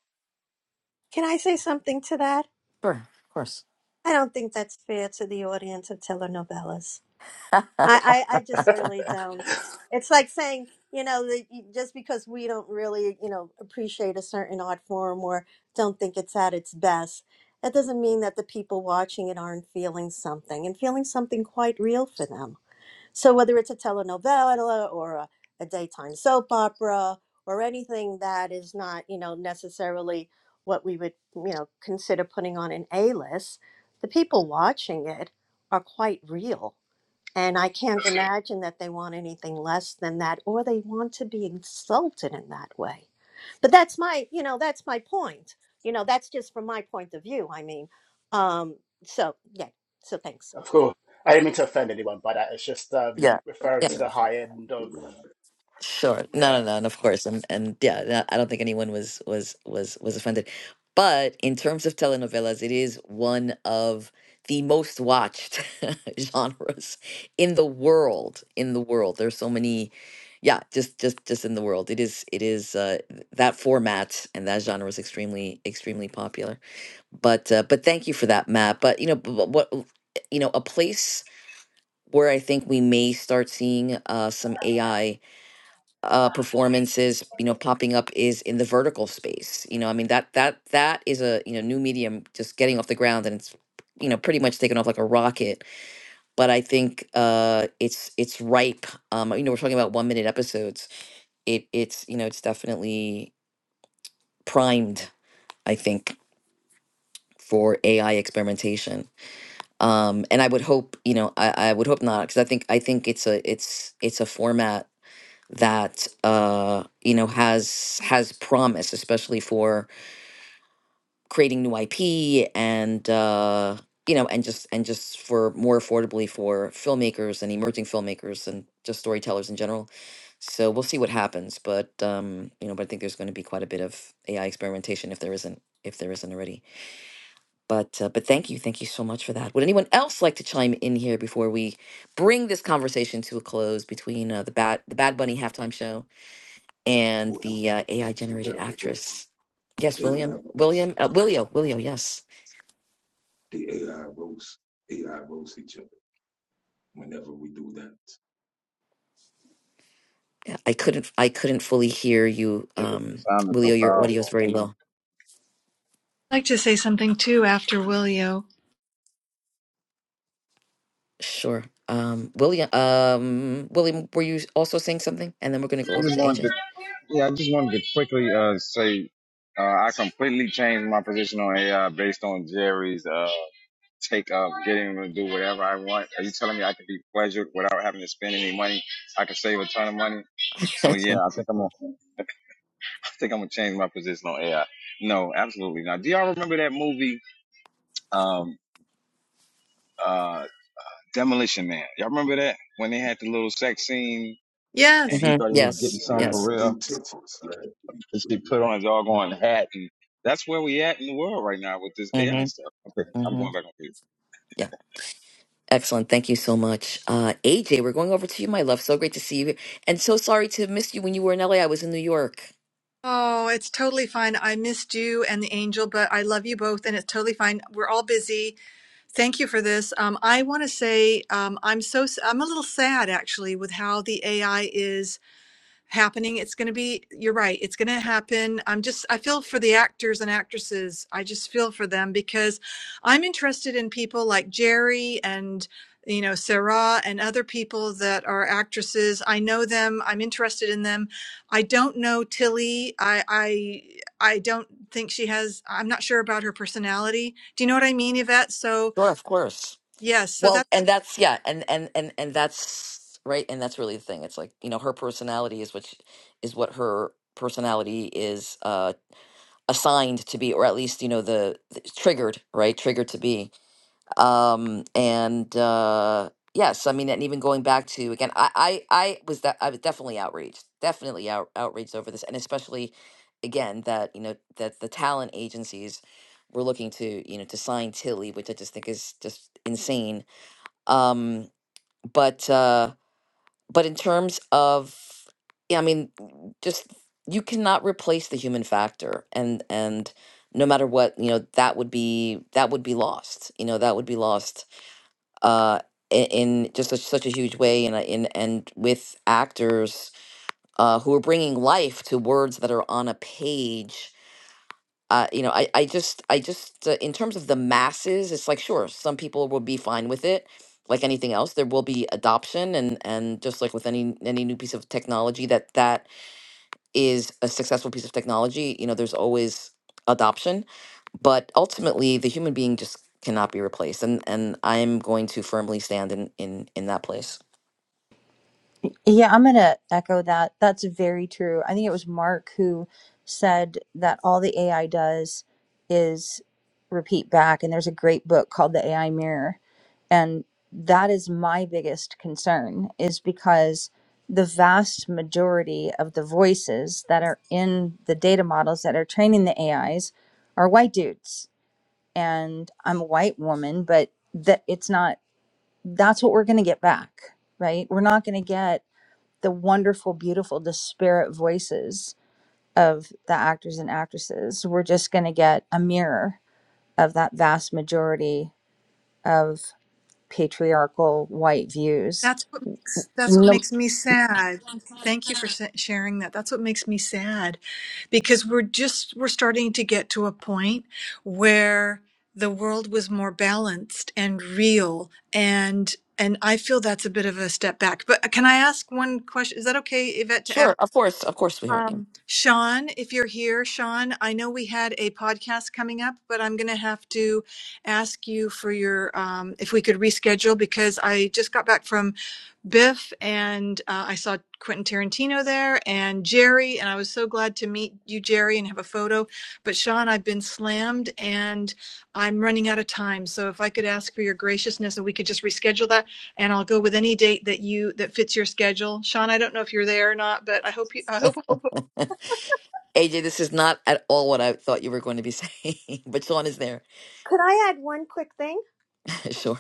S3: Can I say something to that?
S1: Sure, of course.
S3: I don't think that's fair to the audience of telenovelas. I, I, I just really don't. It's like saying, you know, that you- just because we don't really, you know, appreciate a certain art form or don't think it's at its best, that doesn't mean that the people watching it aren't feeling something and feeling something quite real for them. So whether it's a telenovela or a, a daytime soap opera or anything that is not, you know, necessarily what we would, you know, consider putting on an A-list, the people watching it are quite real. And I can't imagine that they want anything less than that or they want to be insulted in that way. But that's my, you know, that's my point. You know, that's just from my point of view, I mean. Um, so yeah, so thanks.
S11: Of course, I didn't mean to offend anyone by that. It's just um,
S7: And
S1: Yeah.
S7: it's
S11: referring to
S7: back,
S11: the
S7: to
S11: high end
S7: the
S11: of
S7: rap,
S1: Sure.
S11: yeah
S1: No, no, no, and of course, and and yeah, no, I don't think anyone was was was was offended. But in terms of telenovelas, it is one of the most watched genres in the world. In the world, there's so many. Yeah, just just just in the world, it is it is uh, th- that format and that genre is extremely extremely popular. But uh, but thank you for that, Matt. But you know b- b- what, you know, a place where I think we may start seeing uh, some AI uh, performances, you know, popping up is in the vertical space. You know, I mean that that that is a you know new medium just getting off the ground and it's you know pretty much taken off like a rocket. But I think uh, it's it's ripe. Um, you know, we're talking about one minute episodes. It it's you know it's definitely primed. I think for AI experimentation. Um, and I would hope, you know, I, I would hope not, because I think I think it's a it's it's a format that uh, you know has has promise, especially for creating new IP and uh, you know and just and just for more affordably for filmmakers and emerging filmmakers and just storytellers in general. So we'll see what happens, but um, you know, but I think there's going to be quite a bit of AI experimentation if there isn't if there isn't already. But uh, but thank you, thank you so much for that. Would anyone else like to chime in here before we bring this conversation to a close between uh, the bad the Bad Bunny halftime show? and
S7: whoever
S1: the uh, AI
S7: we
S1: generated
S7: got the hook,
S1: actress. Yes,
S7: Eight
S1: William,
S7: hours.
S1: William, uh, Willio, Willio. Yes,
S7: The AI roasts, AI roasts each other whenever we do that.
S1: I couldn't, I couldn't fully hear you,
S2: It
S1: um,
S2: sound is so
S1: Willio. Your audio is
S2: powerful.
S1: very low.
S12: I'd like to say something too after Willio.
S1: Sure, um, William, um, William, were you also saying something? And then we're going to go
S2: I
S1: over
S2: just
S1: to
S2: wanted to,
S1: AJ.
S2: yeah, I just wanted to quickly uh, say uh, I completely changed my position on AI based on Jerry's uh, take of getting to do whatever I want. Are you telling me I can be pleasured without having to spend any money? I can save a ton of money. So yeah, I think I'm on. think I'm gonna change my position on AI. No, absolutely not. Do y'all remember that movie, um, uh, Demolition Man? Y'all remember that when they had the little sex scene and
S12: Yes.
S2: he
S1: Mhm.
S2: thought he was getting
S1: Yes,
S2: something
S7: Metaverse.
S2: for
S1: yes.
S2: real,
S7: Three tenses, yeah, three,
S2: and she
S7: three
S2: put on a doggone
S7: lines.
S2: hat, and that's where we at in the world right now with this
S1: hmm
S2: AI stuff. Okay, I'm
S1: hmm
S2: going back on.
S1: Yeah. Excellent. Thank you so much. Uh, AJ, we're going over to you, my love. So great to see you. here. And so sorry to miss you when you were in LA. I was in New York.
S12: Oh, it's totally fine. I missed you and the angel, but I love you both, and it's totally fine. We're all busy. Thank you for this. Um, I want to say um, I'm so i I'm a little sad actually with how the AI is happening. It's going to be, you're right, it's going to happen. I'm just, I feel for the actors and actresses. I just feel for them because I'm interested in people like Jerry and, you know, Sarah and other people that are actresses. I know them. I'm interested in them. I don't know Tilly. I, I, I don't think she has, I'm not sure about her personality. Do you know what I mean, Yvette? So,
S1: Sure, of course.
S12: yes, so
S1: Well,
S12: that's,
S1: and that's yeah, and and and and that's right, and that's really the thing. It's like you know, her personality is which is what her personality is uh assigned to be, or at least you know the, the triggered right, triggered to be. Um, and uh, yes, I mean, and even going back to again, I I, I was that I was definitely outraged, definitely out, outraged over this, and especially again that you know that the talent agencies were looking to you know to sign Tilly, which I just think is just insane um but uh but in terms of yeah i mean just you cannot replace the human factor and and no matter what you know that would be that would be lost you know that would be lost uh i- in just such such a huge way and uh, in and with actors uh who are bringing life to words that are on a page uh, you know, I, I just, I just, uh, in terms of the masses, it's like, sure, some people will be fine with it. Like anything else, there will be adoption, and and just like with any any new piece of technology, that that is a successful piece of technology. You know, there's always adoption, but ultimately, the human being just cannot be replaced, and and I'm going to firmly stand in in in that place.
S6: Yeah, I'm going to echo that. That's very true. I think it was Mark who said that all the AI does is repeat back. And there's a great book called The AI Mirror. And that is my biggest concern, is because the vast majority of the voices that are in the data models that are training the AIs are white dudes. And I'm a white woman, but that it's not, that's what we're going to get back, right? We're not going to get the wonderful, beautiful, disparate voices of the actors and actresses. We're just going to get a mirror of that vast majority of patriarchal white views.
S12: that's what makes, that's what
S6: No,
S12: makes me sad. Thank you for sa- sharing that. That's what makes me sad because we're just we're starting to get to a point where the world was more balanced and real and and I feel that's a bit of a step back. But can I ask one question? Is that okay, Yvette, to ask?
S1: Sure, of course, of course we heard him.
S12: Um, Sean, if you're here, Sean, I know we had a podcast coming up, but I'm going to have to ask you for your, um, if we could reschedule because I just got back from Biff and uh, I saw Quentin Tarantino there and Jerry, and I was so glad to meet you, Jerry, and have a photo. But Sean, I've been slammed and I'm running out of time. So if I could ask for your graciousness and we could just reschedule that, and I'll go with any date that you that fits your schedule. Sean, I don't know if you're there or not, but I hope you, I hope hope
S1: AJ, this is not at all what I thought you were going to be saying, but Sean is there.
S3: Could I add one quick thing?
S1: sure,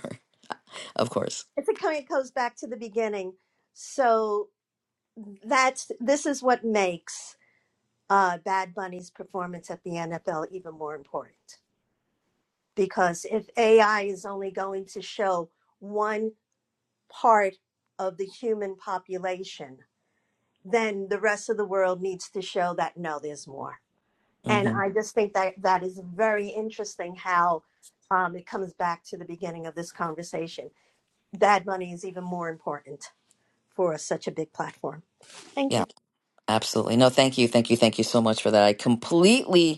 S1: of course.
S3: it's a kind of goes back to the beginning. So that's this is what makes uh, Bad Bunny's performance at the NFL even more important because if AI is only going to show one part of the human population, then the rest of the world needs to show that no, there's more. And
S1: hmm
S3: I just think that that is very interesting how um, it comes back to the beginning of this conversation. Bad Bunny is even more important for such a big platform. Thank
S1: Yeah,
S3: you.
S1: absolutely. No, thank you, thank you, thank you so much for that. I completely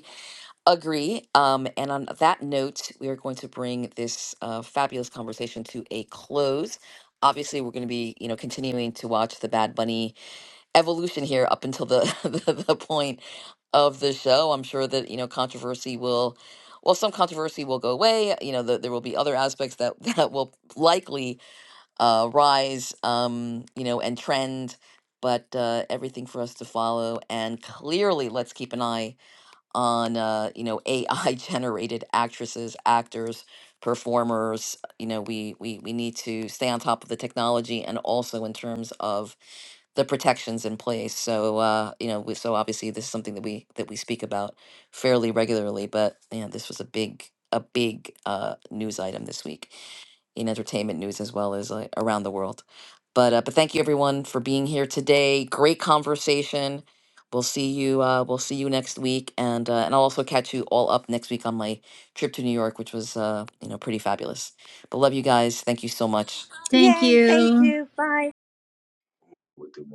S1: Agree. Um, and on that note, we are going to bring this uh, fabulous conversation to a close. Obviously, we're going to be, you know, continuing to watch the Bad Bunny evolution here up until the, the the point of the show. I'm sure that you know controversy will, well, some controversy will go away. You know, the, there will be other aspects that that will likely uh, rise, um, you know, and trend. But uh, everything for us to follow, and clearly, let's keep an eye on uh, you know AI generated actresses, actors, performers. You know, we we we need to stay on top of the technology and also in terms of the protections in place. So uh, you know, we, so obviously this is something that we that we speak about fairly regularly. But yeah, this was a big a big uh, news item this week in entertainment news as well as uh, around the world. But uh, but thank you everyone for being here today. Great conversation. We'll see you. Uh, we'll see you next week, and uh, and I'll also catch you all up next week on my trip to New York, which was uh, you know pretty fabulous. But love you guys. Thank you so much.
S6: Thank
S3: Yay. Thank
S6: you.
S3: you. Bye.
S7: What they want.